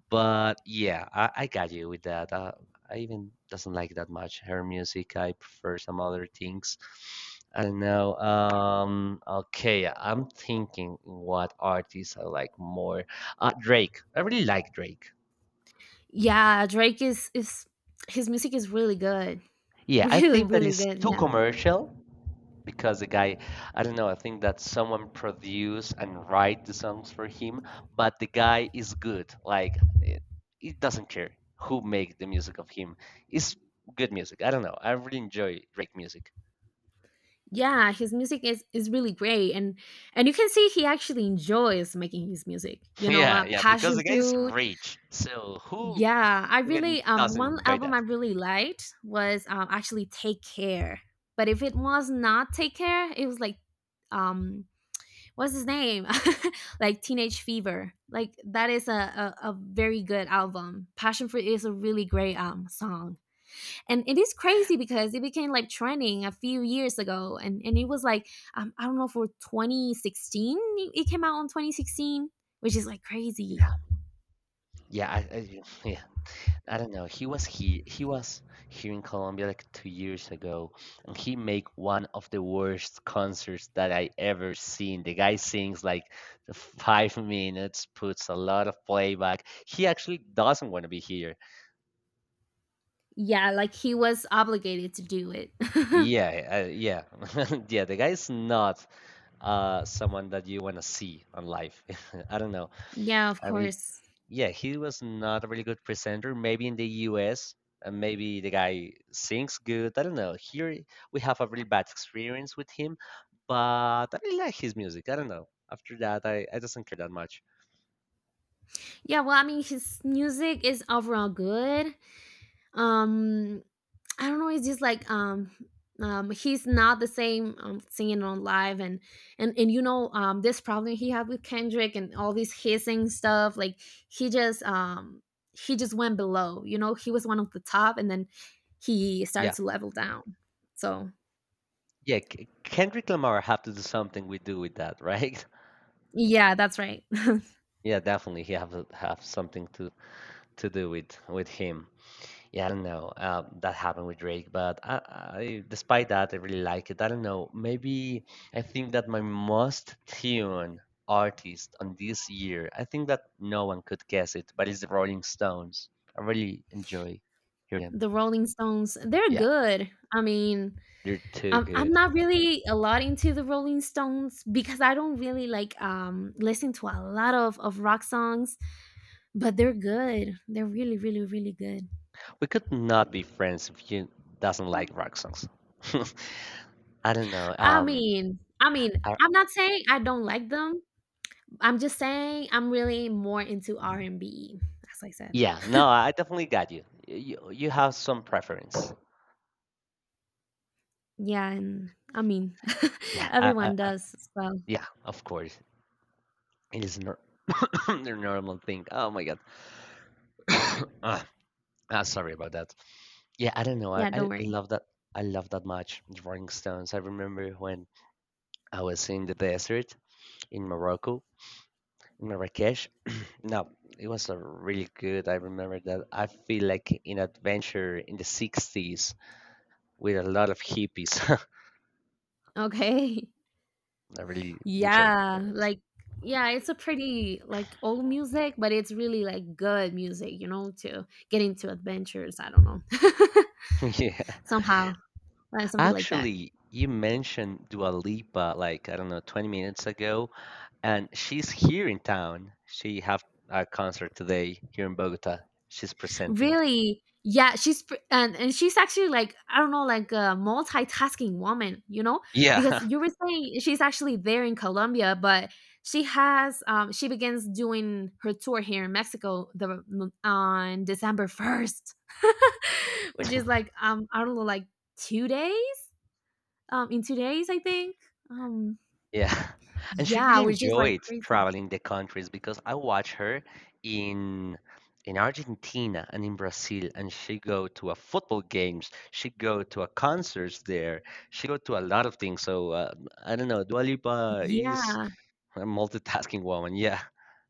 Speaker 1: But yeah, I got you with that. I even doesn't like that much her music. I prefer some other things. I don't know. Okay, I'm thinking what artists I like more. Drake. I really like Drake.
Speaker 2: Yeah, Drake is, his music is really good.
Speaker 1: Yeah, I
Speaker 2: Really,
Speaker 1: think that
Speaker 2: really
Speaker 1: is
Speaker 2: good.
Speaker 1: too
Speaker 2: Yeah.
Speaker 1: commercial, because the guy, I don't know, I think that someone produced and write the songs for him, but the guy is good like it doesn't care who make the music of him. It's good music. I don't know, I really enjoy Drake music.
Speaker 2: Yeah, his music is really great, and you can see he actually enjoys making his music, you know.
Speaker 1: Yeah, yeah, because
Speaker 2: Passion
Speaker 1: the guy is
Speaker 2: Fruit.
Speaker 1: rich, so who
Speaker 2: Yeah, I
Speaker 1: even
Speaker 2: really
Speaker 1: doesn't
Speaker 2: one
Speaker 1: enjoy
Speaker 2: album I
Speaker 1: that?
Speaker 2: really liked was actually Take Care. But if it was not Take Care, it was like um what's his name? Like Teenage Fever. Like that is a very good album. Passion Fruit is a really great song. And it is crazy because it became like trending a few years ago, and it was like I don't know, for 2016 it it came out on 2016, which is like crazy.
Speaker 1: Yeah, yeah, I, yeah, I don't know. He was he was here in Colombia like 2 years ago, and he made one of the worst concerts that I ever seen. The guy sings like the 5 minutes, puts a lot of playback. He actually doesn't want to be here.
Speaker 2: Yeah, like he was obligated to do it.
Speaker 1: Yeah, yeah, yeah. The guy is not someone that you want to see on live. I don't know.
Speaker 2: Yeah, of
Speaker 1: I really,
Speaker 2: course.
Speaker 1: yeah, he was not a really good presenter. Maybe in the US, and maybe the guy sings good. I don't know. Here we have a really bad experience with him, but I really like his music. I don't know. After that, I doesn't care that much.
Speaker 2: Yeah, well, I mean, his music is overall good. Um, I don't know. It's just like he's not the same singing on live, and and you know, this problem he had with Kendrick and all this hissing stuff. Like he just um, he just went below. You know, he was one of the top, and then he started
Speaker 1: Yeah,
Speaker 2: to level down. So
Speaker 1: yeah. Kendrick Lamar have to do something we do with that, right?
Speaker 2: yeah, that's right.
Speaker 1: Yeah, definitely he have something to do with him. Yeah, I don't know. That happened with Drake, but I, despite that, I really like it. I don't know. Maybe I think that my most tuned artist on this year, I think that no one could guess it, but it's the Rolling Stones. I really enjoy hearing them.
Speaker 2: The Rolling Stones, they're
Speaker 1: Yeah,
Speaker 2: good. I mean,
Speaker 1: they're too
Speaker 2: I'm
Speaker 1: good.
Speaker 2: not really a lot into the Rolling Stones, because I don't really like listen to a lot of rock songs, but they're good. They're really, really, really good.
Speaker 1: We could not be friends if you doesn't like rock songs. I don't know.
Speaker 2: I mean, I mean,
Speaker 1: I,
Speaker 2: I'm not saying I don't like them. I'm just saying I'm really more into R&B, as I said.
Speaker 1: yeah, no, I definitely got you. You have some preference.
Speaker 2: Yeah, and I mean,
Speaker 1: Yeah,
Speaker 2: everyone does. So,
Speaker 1: yeah, of course. It is their normal thing. Oh my god. Ah, ah, sorry about that. Yeah, I don't know.
Speaker 2: yeah,
Speaker 1: I
Speaker 2: don't worry.
Speaker 1: love that. I love that match, the Rolling Stones. I remember when I was in the desert in Morocco, in Marrakesh. No, it was a really good. I remember that. I feel like in adventure in the 60s with a lot of hippies.
Speaker 2: Okay.
Speaker 1: I really enjoyed
Speaker 2: Yeah,
Speaker 1: that.
Speaker 2: like yeah, it's a pretty like old music, but it's really like good music, you know, to get into adventures. I don't know,
Speaker 1: Yeah.
Speaker 2: somehow something like that.
Speaker 1: Actually, you mentioned Dua Lipa like, I don't know, 20 minutes ago, and she's here in town. She have a concert today here in Bogota. She's presenting.
Speaker 2: Really? Yeah, she's pr- and she's actually like I don't know, like a multitasking woman, you know? Because
Speaker 1: Yeah,
Speaker 2: you were saying she's actually there in Colombia, but she has she begins doing her tour here in Mexico the on December 1st. Which is like I don't know, like 2 days? In 2 days, I think. Um
Speaker 1: yeah. And she
Speaker 2: yeah,
Speaker 1: really
Speaker 2: which is like
Speaker 1: enjoyed
Speaker 2: crazy.
Speaker 1: traveling the countries because I watch her in in Argentina and in Brazil, and she go to a football games, she go to a concerts there, she go to a lot of things. So I don't know, Dua Lipa is
Speaker 2: Yeah.
Speaker 1: a multitasking woman. Yeah,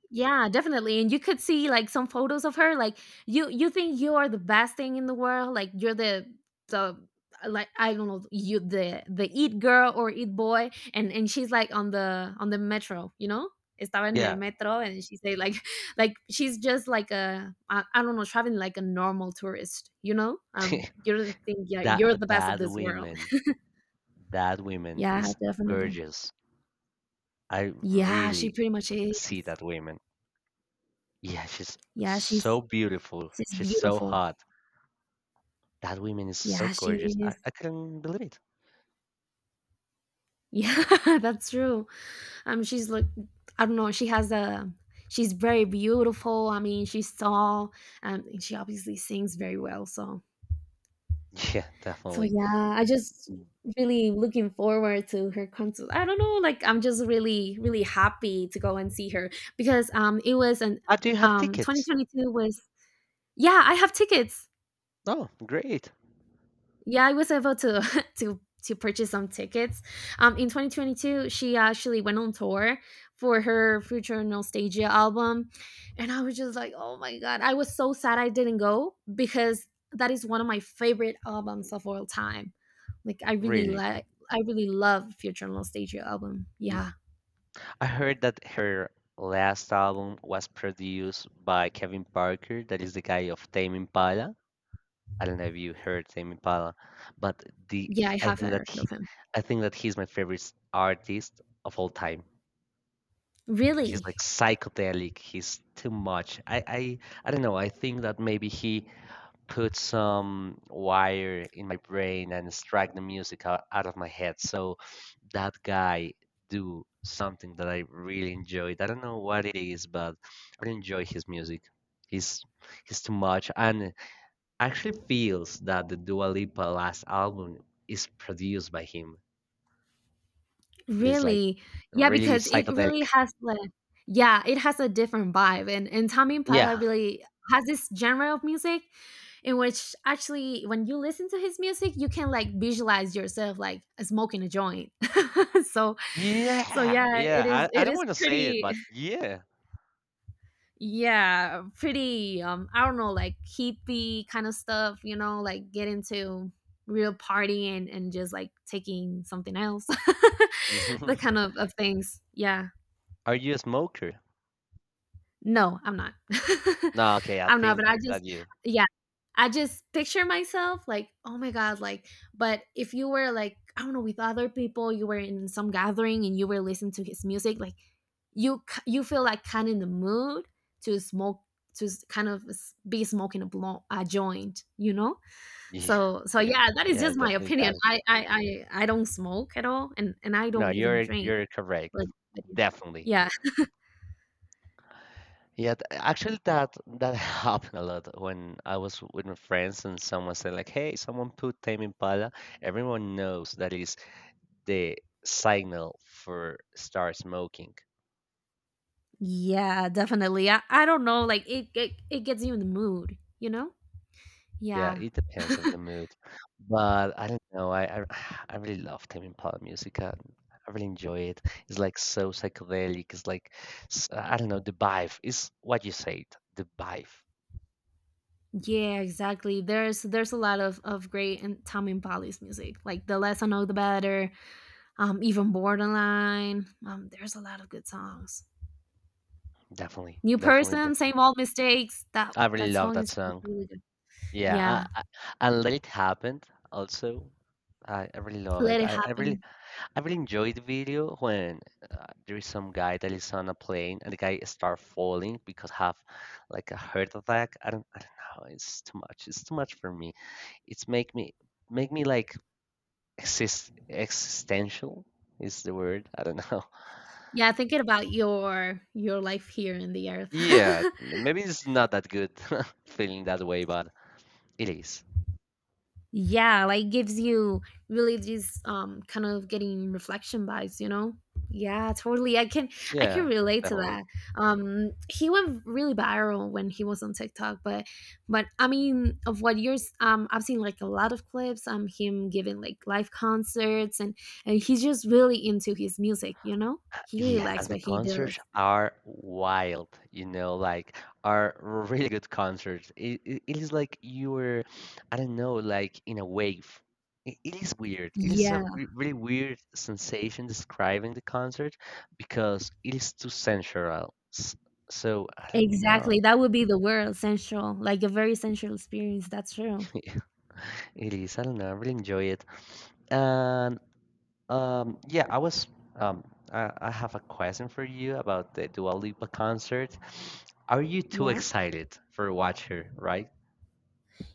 Speaker 2: Yeah, definitely. And you could see like some photos of her. Like you think you are the best thing in the world. Like you're the like I don't know, you the eat girl or eat boy, and she's like on the metro, you know? Estaba en el
Speaker 1: yeah.
Speaker 2: metro, and she say like like she's just like a I don't know, traveling like a normal tourist, you know? Um, you don't think yeah, you're
Speaker 1: that
Speaker 2: the best of
Speaker 1: that
Speaker 2: this world.
Speaker 1: woman, that woman
Speaker 2: Yeah,
Speaker 1: is
Speaker 2: definitely.
Speaker 1: gorgeous. I
Speaker 2: Yeah, she
Speaker 1: really
Speaker 2: pretty much
Speaker 1: see
Speaker 2: is.
Speaker 1: that woman. Yeah, she's
Speaker 2: Yeah, she's
Speaker 1: so beautiful.
Speaker 2: she's
Speaker 1: She's so
Speaker 2: beautiful.
Speaker 1: hot. That woman is so
Speaker 2: Yeah, she
Speaker 1: gorgeous. I,
Speaker 2: is.
Speaker 1: I couldn't believe it.
Speaker 2: Yeah, that's true. She's like, I don't know. She's very beautiful. I mean, she's tall, and she obviously sings very well. So,
Speaker 1: Yeah,
Speaker 2: so
Speaker 1: definitely.
Speaker 2: yeah, I just really looking forward to her concert. I don't know, like I'm just really, really happy to go and see her, because it was an
Speaker 1: Ah, do you have tickets?
Speaker 2: 2022 was yeah, I have tickets.
Speaker 1: Oh, great.
Speaker 2: Yeah, I was able to to purchase some tickets in 2022 she actually went on tour for her Future Nostalgia album, and I was just like oh my god, I was so sad I didn't go, because that is one of my favorite albums of all time. Like I really
Speaker 1: Really?
Speaker 2: like, I really love Future Nostalgia album.
Speaker 1: Mm.
Speaker 2: Yeah.
Speaker 1: I heard that her last album was produced by Kevin Parker, that is the guy of Tame Impala. I don't know if you heard Tame Impala, but the
Speaker 2: Yeah, I
Speaker 1: I
Speaker 2: have
Speaker 1: think
Speaker 2: heard
Speaker 1: that
Speaker 2: of
Speaker 1: he,
Speaker 2: him.
Speaker 1: I think that he's my favorite artist of all time. He's
Speaker 2: Really?
Speaker 1: like psychedelic. He's too much. I don't know. I think that maybe he put some wire in my brain and struck the music out, out of my head. So that guy do something that I really enjoyed. I don't know what it is, but I really enjoy his music. He's he's too much, and actually feels that the Dua Lipa last album is produced by him. It's like
Speaker 2: Really? Yeah,
Speaker 1: really
Speaker 2: because it really
Speaker 1: psychedelic.
Speaker 2: has like yeah, it has a different vibe, and Tame Impala
Speaker 1: Yeah.
Speaker 2: really has this genre of music in which actually when you listen to his music, you can, like, visualize yourself, like, smoking a joint. So so yeah,
Speaker 1: Yeah, yeah, I
Speaker 2: it
Speaker 1: don't
Speaker 2: is
Speaker 1: want to say it,
Speaker 2: pretty
Speaker 1: but yeah.
Speaker 2: yeah, pretty, I don't know, like, hippie kind of stuff, you know, like, get into real partying, and just, like, taking something else. The kind of things. Yeah.
Speaker 1: Are you a smoker?
Speaker 2: No, I'm not.
Speaker 1: No, okay, I
Speaker 2: I'm not,
Speaker 1: think
Speaker 2: but I just
Speaker 1: that you.
Speaker 2: yeah. I just picture myself like, "Oh my god," like, but if you were like, I don't know, with other people, you were in some gathering and you were listening to his music, like you k you feel like kinda in the mood to smoke, to s kind of s be smoking a blo a joint, you know?
Speaker 1: Yeah,
Speaker 2: So so
Speaker 1: yeah,
Speaker 2: yeah, that is
Speaker 1: yeah,
Speaker 2: just my
Speaker 1: definitely
Speaker 2: opinion.
Speaker 1: got it.
Speaker 2: I don't smoke at all, and I
Speaker 1: No,
Speaker 2: don't even drink,
Speaker 1: you're
Speaker 2: but
Speaker 1: correct.
Speaker 2: but yeah.
Speaker 1: Definitely.
Speaker 2: Yeah.
Speaker 1: Yeah, actually that happened a lot when I was with my friends and someone said like, "Hey, someone put Tame Impala." Everyone knows that is the signal for start smoking.
Speaker 2: Yeah, definitely. I don't know, like it gets you in the mood, you know?
Speaker 1: Yeah,
Speaker 2: Yeah.
Speaker 1: it depends of the mood, but I don't know. I really love Tame Impala music. I really enjoy it. It's like so psychedelic. It's like I don't know. The vibe is what you said. The vibe,
Speaker 2: Yeah, exactly. There's a lot of great, and Tom and Polly's music. Like The Less I Know the Better. Even Borderline. There's a lot of good songs.
Speaker 1: definitely,
Speaker 2: New
Speaker 1: definitely,
Speaker 2: Person,
Speaker 1: definitely.
Speaker 2: Same Old Mistakes. That
Speaker 1: I really
Speaker 2: that
Speaker 1: love
Speaker 2: song
Speaker 1: that
Speaker 2: is
Speaker 1: song.
Speaker 2: really good.
Speaker 1: Yeah,
Speaker 2: Yeah,
Speaker 1: and Let It Happen also. I really love
Speaker 2: Let
Speaker 1: it.
Speaker 2: It Happen.
Speaker 1: I really enjoyed the video when there is some guy that is on a plane and the guy start falling because have like a heart attack. I don't know. It's too much. It's too much for me. It's make me like existential is the word. I don't know.
Speaker 2: Yeah, thinking about your life here in the earth.
Speaker 1: Yeah, maybe it's not that good feeling that way, but it is.
Speaker 2: Yeah, like gives you really these kind of getting reflection vibes, you know. Yeah, totally, I can
Speaker 1: Yeah,
Speaker 2: relate to
Speaker 1: definitely.
Speaker 2: that. Um, he went really viral when he was on TikTok, but I mean, of what yours, I've seen like a lot of clips, him giving like live concerts, and he's just really into his music, you know. He really
Speaker 1: Yeah,
Speaker 2: likes
Speaker 1: and the
Speaker 2: what he does.
Speaker 1: concerts are wild, you know, like are really good concerts. It is like you're, I don't know, like in a wave. It is weird. It is
Speaker 2: Yeah,
Speaker 1: a really weird sensation describing the concert because it is too sensual. So I don't know.
Speaker 2: exactly, that would be the word, sensual. Like a very sensual experience, that's true.
Speaker 1: It is. I don't know. I really enjoy it. And yeah, I was. Um, I have a question for you about the Dua Lipa concert. Are you too
Speaker 2: Yeah.
Speaker 1: excited for watch her, right?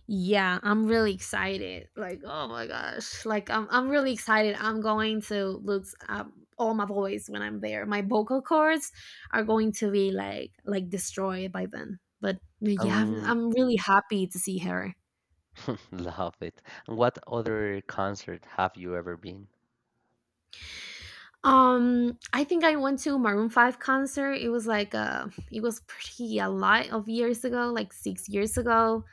Speaker 2: Yeah, I'm really excited. Like, oh my gosh. Like I'm really excited. I'm going to lose all my voice when I'm there. My vocal cords are going to be like destroyed by then. But yeah,
Speaker 1: Um,
Speaker 2: I'm really happy to see her.
Speaker 1: love it. And what other concert have you ever been?
Speaker 2: Um, I think I went to Maroon 5 concert. It was like it was pretty a lot of years ago, like 6 years ago.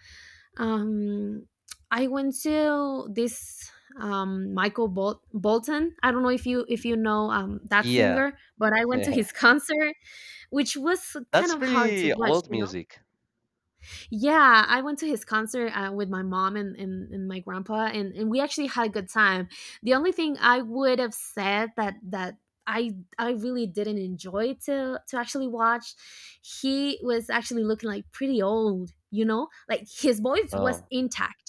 Speaker 2: Um, I went to this Michael Bolton. I don't know if you know that
Speaker 1: Yeah,
Speaker 2: singer, but I went to
Speaker 1: yeah.
Speaker 2: his concert, which was kind
Speaker 1: That's
Speaker 2: of hard to
Speaker 1: really
Speaker 2: watch.
Speaker 1: old
Speaker 2: You know,
Speaker 1: music.
Speaker 2: yeah, I went to his concert with my mom, and my grandpa, and we actually had a good time. The only thing I would have said, that I really didn't enjoy to actually watch, he was actually looking like pretty old. You know, like his voice was
Speaker 1: Oh,
Speaker 2: intact,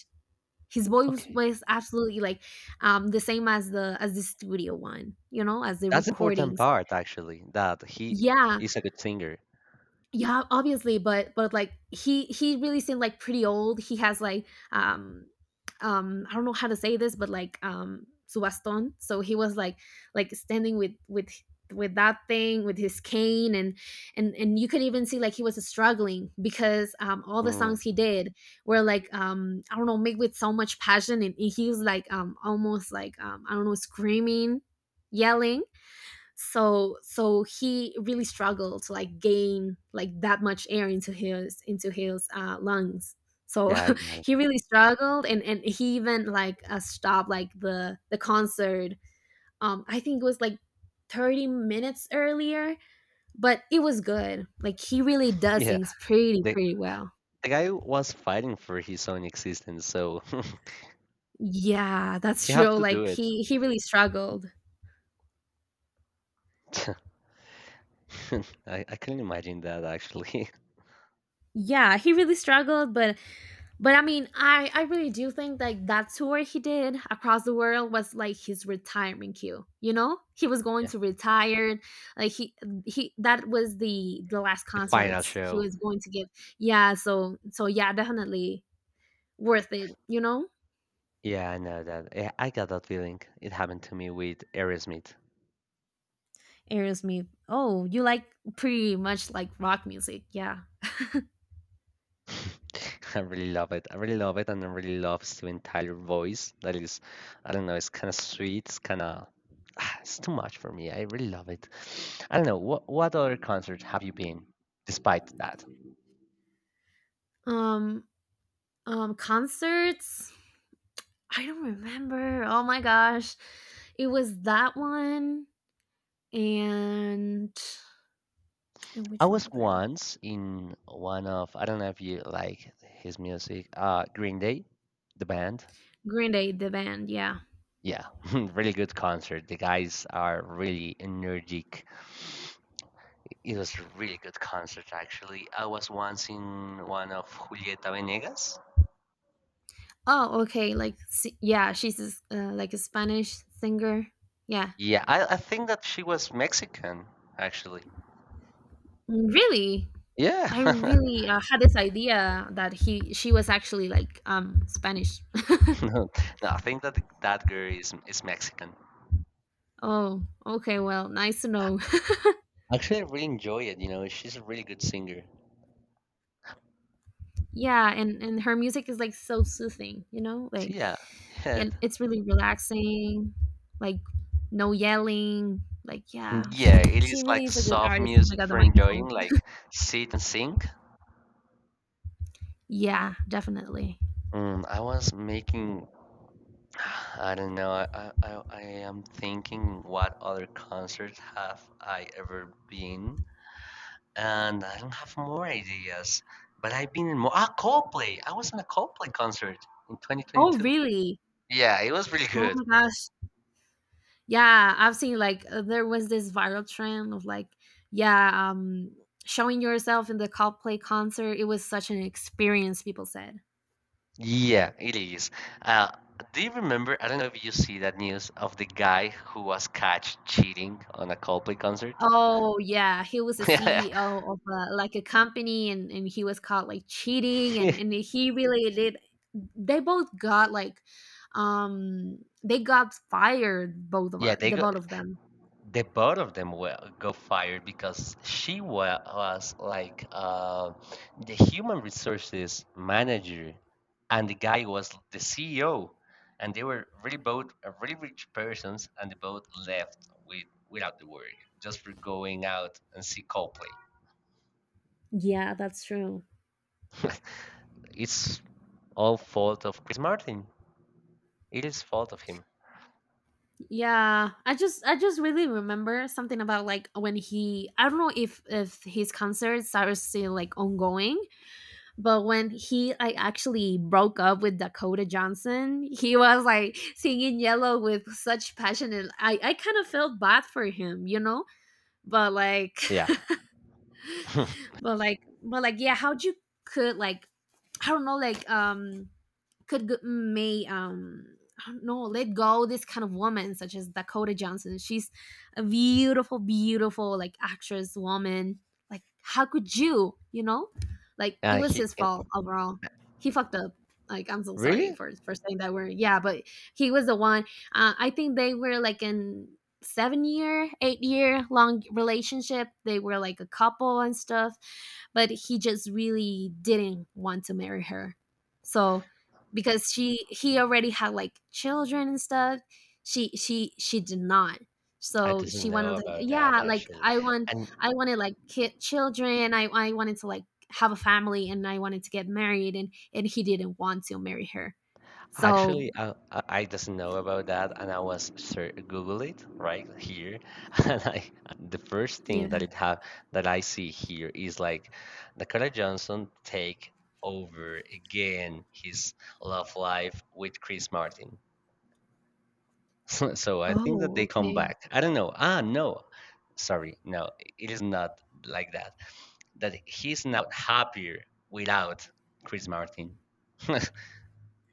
Speaker 2: his voice
Speaker 1: okay.
Speaker 2: was absolutely like the same as the studio one, you know, as the
Speaker 1: That's important
Speaker 2: recordings.
Speaker 1: part actually, that he
Speaker 2: Yeah.
Speaker 1: is a good singer.
Speaker 2: Yeah, obviously, but like he really seemed like pretty old. He has like um I don't know how to say this, but like su bastón. So he was like standing with that thing, with his cane, and you could even see like he was struggling, because all the
Speaker 1: Mm,
Speaker 2: songs he did were like I don't know, made with so much passion, and, he was like almost like I don't know, screaming, yelling. So so he really struggled to like gain like that much air into his lungs. So
Speaker 1: yeah, I got it.
Speaker 2: he really struggled, and he even like stopped like the concert, I think it was like 30 minutes earlier. But it was good, like he really does
Speaker 1: Yeah,
Speaker 2: things pretty,
Speaker 1: the
Speaker 2: pretty well.
Speaker 1: guy was fighting for his own existence, so
Speaker 2: Yeah, that's
Speaker 1: he had
Speaker 2: true,
Speaker 1: to do
Speaker 2: like
Speaker 1: it.
Speaker 2: he really struggled.
Speaker 1: I couldn't imagine that actually.
Speaker 2: Yeah, he really struggled. But I mean, I really do think like that tour he did across the world was like his retirement cue. You know, he was going
Speaker 1: Yeah,
Speaker 2: to retire. Like he that was the last
Speaker 1: the final
Speaker 2: concerts he
Speaker 1: show.
Speaker 2: was going to give. Yeah, so yeah, definitely worth it.
Speaker 1: Yeah, I know that. Yeah, I got that feeling. It happened to me with Aerosmith.
Speaker 2: Aerosmith. Oh, you like pretty much like rock music. Yeah.
Speaker 1: I really love it. I really love it, and I really love Steven Tyler voice. That is, I don't know, it's kind of sweet. It's kind of, it's too much for me. I really love it. I don't know. What other concert have you been, despite that?
Speaker 2: Um concerts. I don't remember. Oh my gosh, it was that one and and
Speaker 1: I
Speaker 2: which one
Speaker 1: was
Speaker 2: other?
Speaker 1: once in one of I don't know if you like his music, Green Day, the band.
Speaker 2: Green Day, the band. Yeah.
Speaker 1: Yeah, really good concert. The guys are really energetic. It was a really good concert actually. I was once in one of Julieta Venegas.
Speaker 2: Oh, okay. Like, yeah, she's a like a Spanish singer. Yeah.
Speaker 1: Yeah, I think that she was Mexican actually.
Speaker 2: Really,
Speaker 1: Yeah,
Speaker 2: I really had this idea that he she was actually like Spanish.
Speaker 1: no, no, I think that that girl is Mexican.
Speaker 2: oh, okay. Well, nice to know.
Speaker 1: Actually, I really enjoy it. You know, she's a really good singer.
Speaker 2: yeah, and her music is like so soothing. You know, like
Speaker 1: So, yeah, yeah,
Speaker 2: it's really relaxing. Like no yelling. Like yeah,
Speaker 1: yeah, it
Speaker 2: she
Speaker 1: is
Speaker 2: really
Speaker 1: like
Speaker 2: is a good
Speaker 1: soft
Speaker 2: artist. Oh my
Speaker 1: music
Speaker 2: god, the
Speaker 1: for enjoying,
Speaker 2: microphone.
Speaker 1: like sit and sing.
Speaker 2: Yeah, definitely.
Speaker 1: Mm, I was making, I don't know, I am thinking what other concerts have I ever been, and I don't have more ideas. But I've been in more, ah, Coldplay. I was in a Coldplay concert in
Speaker 2: Oh,
Speaker 1: 2022.
Speaker 2: really?
Speaker 1: Yeah, it was really
Speaker 2: Oh
Speaker 1: good.
Speaker 2: my gosh. Yeah, I've seen like there was this viral trend of like, yeah, showing yourself in the Coldplay concert. It was such an experience, people said.
Speaker 1: Yeah, it is. Uh, do you remember? I don't know if you see that news of the guy who was caught cheating on a Coldplay concert.
Speaker 2: Oh yeah, he was a CEO of like a company, and he was caught like cheating, and he really did. They both got like, they got fired, both of
Speaker 1: Yeah,
Speaker 2: us,
Speaker 1: they
Speaker 2: the
Speaker 1: go.
Speaker 2: both of them.
Speaker 1: The both of them were go fired because she was like the human resources manager, and the guy was the CEO, and they were really both really rich persons, and they both left with without the work just for going out and see Coldplay.
Speaker 2: Yeah, that's true.
Speaker 1: It's all fault of Chris Martin. It is fault of him.
Speaker 2: Yeah, I just really remember something about like when he, I don't know if his concerts are still like ongoing, but when he like actually broke up with Dakota Johnson, he was like singing Yellow with such passion and I kind of felt bad for him, you know? But like
Speaker 1: Yeah.
Speaker 2: but like yeah, how'd you could like I don't know like could g- may I don't know, let go this kind of woman such as Dakota Johnson. She's a beautiful, beautiful like actress woman. Like how could you? You know, like it
Speaker 1: uh,
Speaker 2: was
Speaker 1: he
Speaker 2: his
Speaker 1: and-
Speaker 2: fault overall. He fucked up. Like I'm so sorry
Speaker 1: really?
Speaker 2: for saying that word. Yeah, but he was the one. I think they were like in 7 year, 8 year long relationship. They were like a couple and stuff, but he just really didn't want to marry her. So because she he already had like children and stuff she did not,
Speaker 1: I
Speaker 2: so
Speaker 1: does not
Speaker 2: she
Speaker 1: know
Speaker 2: wanted like,
Speaker 1: about that
Speaker 2: yeah, like
Speaker 1: actually.
Speaker 2: I want,
Speaker 1: And
Speaker 2: I wanted like kid children, I wanted to like have a family and I wanted to get married and he didn't want to marry her. So
Speaker 1: actually, I doesn't know about that, and I was sur Google it right here, and I the first thing that
Speaker 2: yeah.
Speaker 1: it have that I see here is like Dakota Johnson take over again his love life with Chris Martin. So, so I think that
Speaker 2: Oh,
Speaker 1: they come
Speaker 2: okay.
Speaker 1: back. I don't know. Ah, no, sorry, no, it is not like that. That he's now happier without Chris Martin.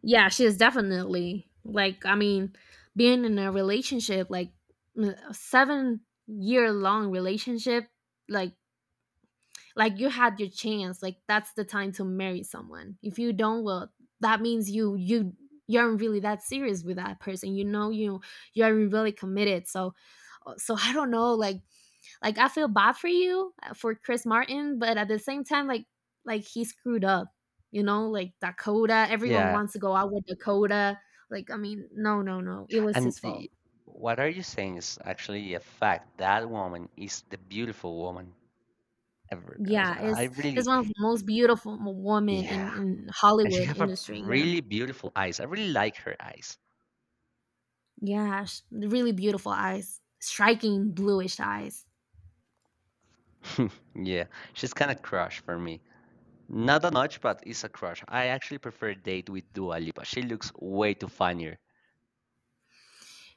Speaker 2: Yeah, she is definitely like, I mean, being in a relationship like a 7 year long relationship, like like you had your chance, like that's the time to marry someone. If you don't, well, that means you you aren't really that serious with that person, you know, you aren't really committed. So I don't know, like I feel bad for you, for Chris Martin, but at the same time, like he screwed up, you know, like Dakota, everyone
Speaker 1: Yeah,
Speaker 2: wants to go out with Dakota. Like I mean, no, no, no, it was
Speaker 1: and
Speaker 2: his fault.
Speaker 1: the, what are you saying is actually a fact. That woman is the beautiful woman ever. I was-
Speaker 2: Yeah,
Speaker 1: I
Speaker 2: it's
Speaker 1: really,
Speaker 2: one of the most beautiful woman
Speaker 1: yeah.
Speaker 2: in
Speaker 1: And she
Speaker 2: Hollywood
Speaker 1: have a
Speaker 2: industry. Yeah.
Speaker 1: really beautiful eyes. I really like her eyes.
Speaker 2: Yeah, really beautiful eyes, striking bluish eyes.
Speaker 1: Yeah, she's kind of crush for me. Not that much, but it's a crush. I actually prefer date with Dua Lipa. She looks way too funnier.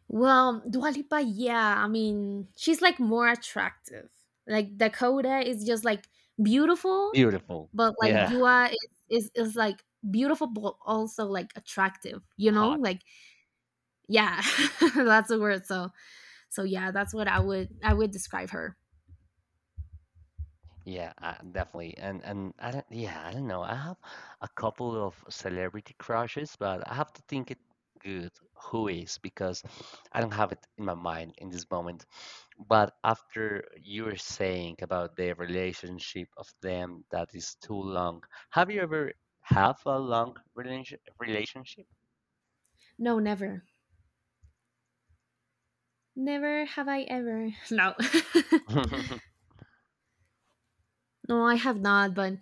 Speaker 2: Well, Dua Lipa, yeah, I mean, she's like more attractive. Like Dakota is just like beautiful,
Speaker 1: Beautiful.
Speaker 2: but like
Speaker 1: Yeah,
Speaker 2: Dua is like beautiful but also like attractive, you know?
Speaker 1: hot.
Speaker 2: Like yeah, that's the word. So yeah, that's what I would describe her.
Speaker 1: Yeah, definitely. And I don't, yeah, I don't know. I have a couple of celebrity crushes, but I have to think it good who is because I don't have it in my mind in this moment. But after you were saying about the relationship of them that is too long, have you ever have a long relationship?
Speaker 2: No, never. Never have I ever. No. no, I have not,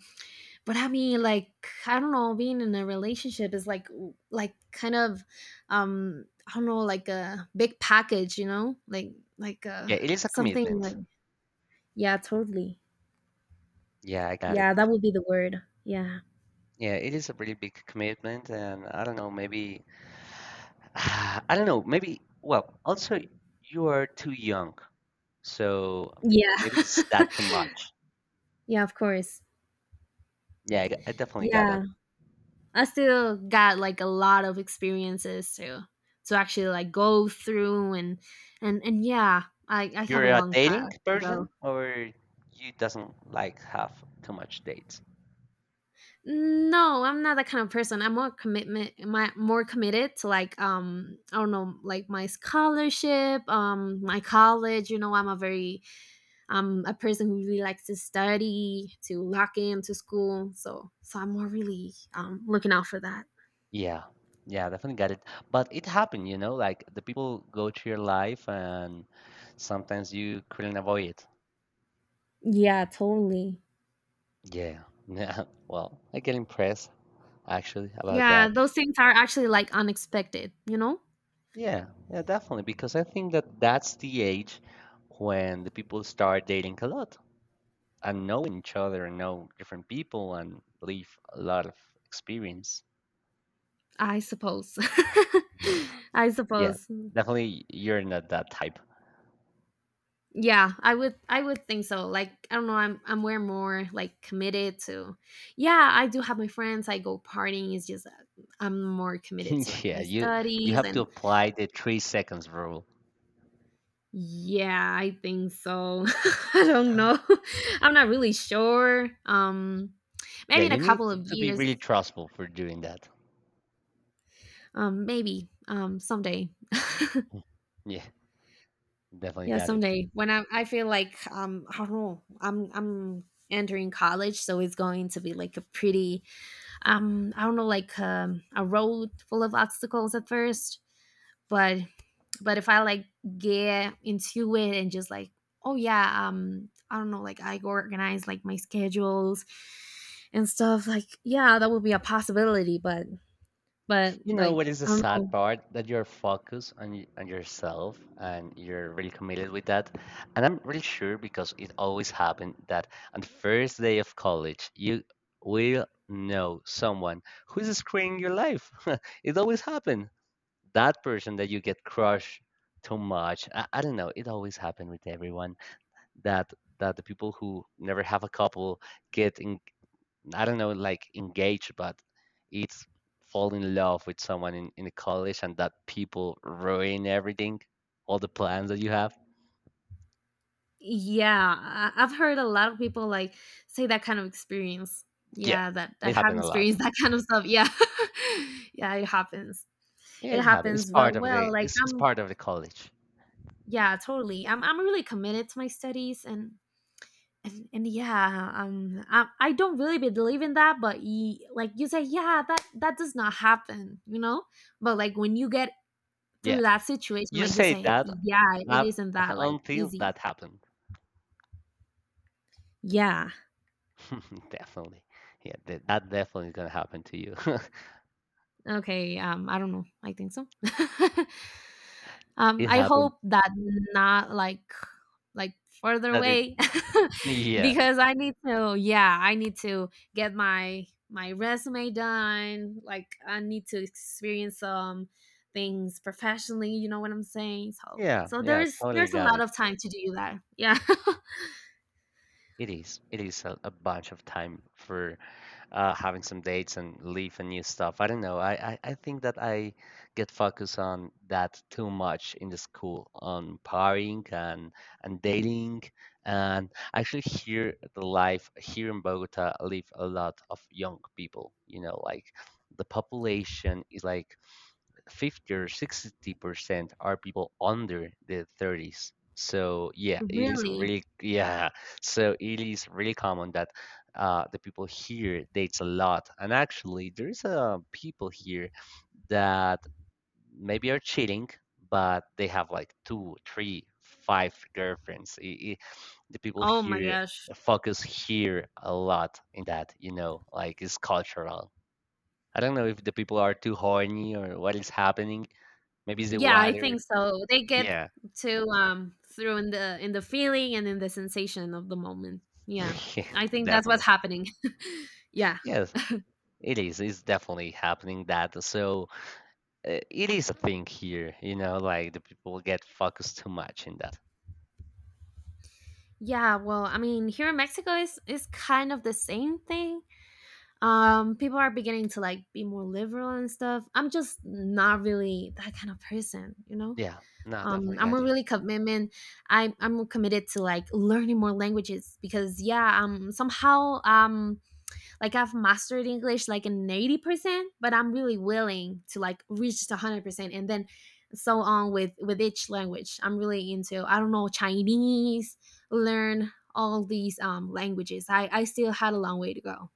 Speaker 2: but I mean like I don't know, being in a relationship is like kind of I don't know, like a big package, you know, like uh
Speaker 1: Yeah, it is a
Speaker 2: something like
Speaker 1: commitment.
Speaker 2: yeah, totally.
Speaker 1: Yeah, I got it.
Speaker 2: Yeah, that would be the word. Yeah.
Speaker 1: Yeah, it is a really big commitment, and I don't know, maybe. Ah, I don't know. Maybe. Well, also you are too young, so
Speaker 2: yeah
Speaker 1: maybe it's that too much.
Speaker 2: yeah, of course.
Speaker 1: Yeah, I definitely got
Speaker 2: Yeah,
Speaker 1: that.
Speaker 2: I still got like a lot of experiences to actually like go through and and yeah, I have
Speaker 1: You're
Speaker 2: a
Speaker 1: a
Speaker 2: long
Speaker 1: dating
Speaker 2: path to go.
Speaker 1: person, or you doesn't like have too much dates.
Speaker 2: No, I'm not that kind of person. I'm more commitment, my more committed to like I don't know, like my scholarship, my college, you know, I'm a very, I'm a person who really likes to study, to lock into school. So I'm more really looking out for that.
Speaker 1: Yeah, yeah, definitely got it. But it happened, you know, like the people go to your life, and sometimes you couldn't avoid it.
Speaker 2: Yeah, totally.
Speaker 1: Yeah, yeah. Well, I get impressed actually about
Speaker 2: Yeah,
Speaker 1: that.
Speaker 2: those things are actually like unexpected, you know?
Speaker 1: Yeah, yeah, definitely. Because I think that's the age when the people start dating a lot and knowing each other and know different people and leave a lot of experience.
Speaker 2: I suppose. I
Speaker 1: Yeah,
Speaker 2: suppose.
Speaker 1: definitely you're not that type.
Speaker 2: Yeah, I would think so. Like I don't know, I'm way more like committed to, yeah, I do have my friends, I go partying, it's just that I'm more committed to like
Speaker 1: Yeah,
Speaker 2: my
Speaker 1: you
Speaker 2: studies
Speaker 1: have to
Speaker 2: and
Speaker 1: apply the 3 seconds rule.
Speaker 2: yeah, I think so. I don't know. I'm not really sure.
Speaker 1: Yeah,
Speaker 2: Maybe in a
Speaker 1: you need
Speaker 2: couple of
Speaker 1: to be
Speaker 2: years.
Speaker 1: really trustful for doing that.
Speaker 2: Maybe. Someday.
Speaker 1: Yeah, definitely
Speaker 2: yeah,
Speaker 1: got it.
Speaker 2: someday. When I feel like I don't know, I'm entering college, so it's going to be like a pretty I don't know like a road full of obstacles at first, but but if I like get into it and just like, oh yeah, I don't know, like I organize like my schedules and stuff, like yeah, that would be a possibility, but
Speaker 1: You know
Speaker 2: like
Speaker 1: what is
Speaker 2: I
Speaker 1: the
Speaker 2: don't
Speaker 1: sad
Speaker 2: know.
Speaker 1: part? That you're focused on on yourself and you're really committed with that. And I'm really sure because it always happened that on the first day of college, you will know someone who is screwing your life. It always happened. That person that you get crushed too much. I don't know. It always happened with everyone that the people who never have a couple get in, I don't know, like engaged, but it's fall in love with someone in college and that people ruin everything, all the plans that you have.
Speaker 2: Yeah, I- I've heard a lot of people like say that kind of experience,
Speaker 1: Yeah,
Speaker 2: yeah, that that
Speaker 1: it
Speaker 2: have
Speaker 1: happened a lot.
Speaker 2: experienced that kind of stuff. Yeah. yeah, it happens.
Speaker 1: Yeah,
Speaker 2: It
Speaker 1: it happened. It's
Speaker 2: happens,
Speaker 1: part
Speaker 2: but
Speaker 1: of
Speaker 2: well, like
Speaker 1: it's
Speaker 2: I'm,
Speaker 1: part of the college.
Speaker 2: yeah, totally. I'm really committed to my studies and yeah, I don't really believe in that, but like you say, yeah, that that does not happen, you know? But like when you get
Speaker 1: Yeah,
Speaker 2: through that situation,
Speaker 1: you
Speaker 2: like you
Speaker 1: say
Speaker 2: say,
Speaker 1: that
Speaker 2: yeah, it
Speaker 1: uh,
Speaker 2: isn't that like
Speaker 1: until
Speaker 2: easy.
Speaker 1: that happened.
Speaker 2: Yeah.
Speaker 1: Definitely. Yeah, that definitely gonna happen to you.
Speaker 2: Okay, I don't know. I think so.
Speaker 1: It
Speaker 2: I
Speaker 1: happened.
Speaker 2: hope that not like like further
Speaker 1: That it.
Speaker 2: away,
Speaker 1: Yeah.
Speaker 2: because I need to, yeah, I need to get my my resume done. Like I need to experience some things professionally, you know what I'm saying? So
Speaker 1: Yeah.
Speaker 2: so
Speaker 1: Yeah.
Speaker 2: there's
Speaker 1: Totally
Speaker 2: a
Speaker 1: got
Speaker 2: lot
Speaker 1: it.
Speaker 2: of time to do that. Yeah.
Speaker 1: It is. It is a bunch of time for having some dates and leave and new stuff. I don't know. I think that I get focused on that too much in the school, on partying and dating. And actually, here the life here in Bogota live a lot of young people. You know, like the population is like 50 or 60% are people under the 30s. So yeah, it is
Speaker 2: Really?
Speaker 1: really yeah. So it is really common that the people here dates a lot, and actually there is people here that maybe are cheating, but they have like two, three, five girlfriends. The people
Speaker 2: Oh my
Speaker 1: here
Speaker 2: gosh.
Speaker 1: focus here a lot in that, you know, like it's cultural. I don't know if the people are too horny or what is happening. Maybe it's the
Speaker 2: Yeah, I
Speaker 1: water.
Speaker 2: think so. They get
Speaker 1: Yeah,
Speaker 2: to through in the feeling and in the sensation of the moment. Yeah.
Speaker 1: yeah,
Speaker 2: I think that's what's
Speaker 1: definitely.
Speaker 2: happening. Yeah.
Speaker 1: Yes, it is. It's definitely happening that. So it is a thing here, you know, like the people get focused too much in that.
Speaker 2: Yeah, well, I mean, here in Mexico is kind of the same thing. People are beginning to like be more liberal and stuff. I'm just not really that kind of person, you know.
Speaker 1: Yeah, no, definitely
Speaker 2: I'm
Speaker 1: got
Speaker 2: a
Speaker 1: you.
Speaker 2: really commitment. I'm committed to like learning more languages because yeah, somehow like I've mastered English like an 80%, but I'm really willing to like reach just 100% and then so on with each language. I'm really into I don't know Chinese, learn all these languages. I still had a long way to go.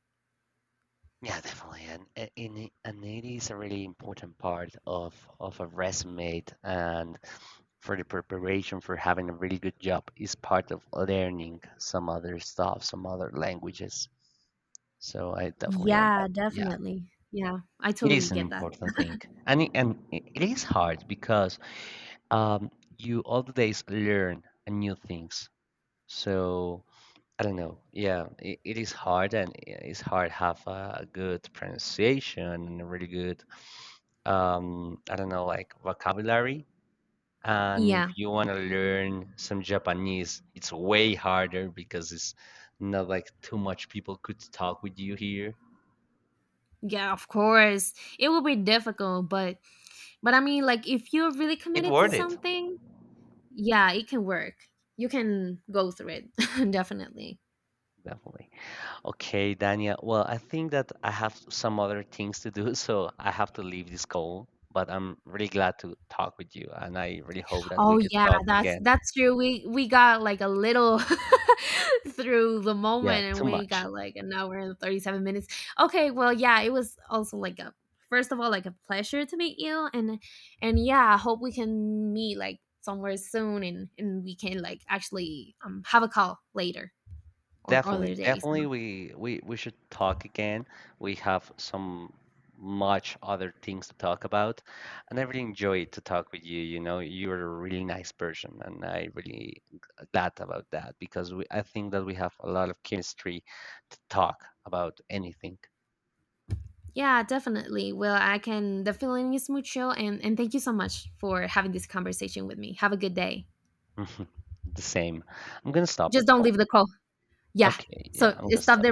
Speaker 1: Yeah, definitely. And, it is a really important part of a resume and for the preparation for having a really good job is part of learning some other stuff, some other languages. So I definitely on
Speaker 2: Yeah,
Speaker 1: that. Yeah.
Speaker 2: definitely. Yeah, I
Speaker 1: It
Speaker 2: totally
Speaker 1: is an
Speaker 2: get that.
Speaker 1: important thing, and it is hard because um, you all the days learn new things. So I don't know. Yeah, it is hard, and it's hard have a good pronunciation and a really good I don't know like vocabulary. And if
Speaker 2: Yeah.
Speaker 1: you want to learn some Japanese, it's way harder because it's not like too much people could talk with you here.
Speaker 2: Yeah, of course. It will be difficult, but I mean like if you're really
Speaker 1: It
Speaker 2: committed to
Speaker 1: worth it,
Speaker 2: something, yeah it can work, you can go through it, definitely.
Speaker 1: definitely. Okay, Dania. Well, I think that I have some other things to do, so I have to leave this call. But I'm really glad to talk with you, and I really hope that we
Speaker 2: Oh
Speaker 1: could
Speaker 2: yeah,
Speaker 1: talk
Speaker 2: that's
Speaker 1: again.
Speaker 2: that's true, we got like a little through the
Speaker 1: Yeah,
Speaker 2: moment, and
Speaker 1: too
Speaker 2: we
Speaker 1: much.
Speaker 2: got like an hour and 37 minutes. Okay, well, yeah, it was also like a, first of all, like a pleasure to meet you and yeah, I hope we can meet like somewhere soon and we can like actually have a call later or other
Speaker 1: Definitely,
Speaker 2: days.
Speaker 1: definitely, we should talk again. We have some much other things to talk about, and I really enjoyed to talk with you. You know, you're a really nice person, and I really glad about that because we, I think that we have a lot of chemistry to talk about anything.
Speaker 2: Yeah, definitely. Well, I can. The feeling is mutual, and thank you so much for having this conversation with me. Have a good day.
Speaker 1: The same. I'm gonna stop the
Speaker 2: Just don't
Speaker 1: call.
Speaker 2: leave the call. Yeah.
Speaker 1: Okay, yeah,
Speaker 2: So
Speaker 1: I'm gonna
Speaker 2: stop
Speaker 1: stop
Speaker 2: the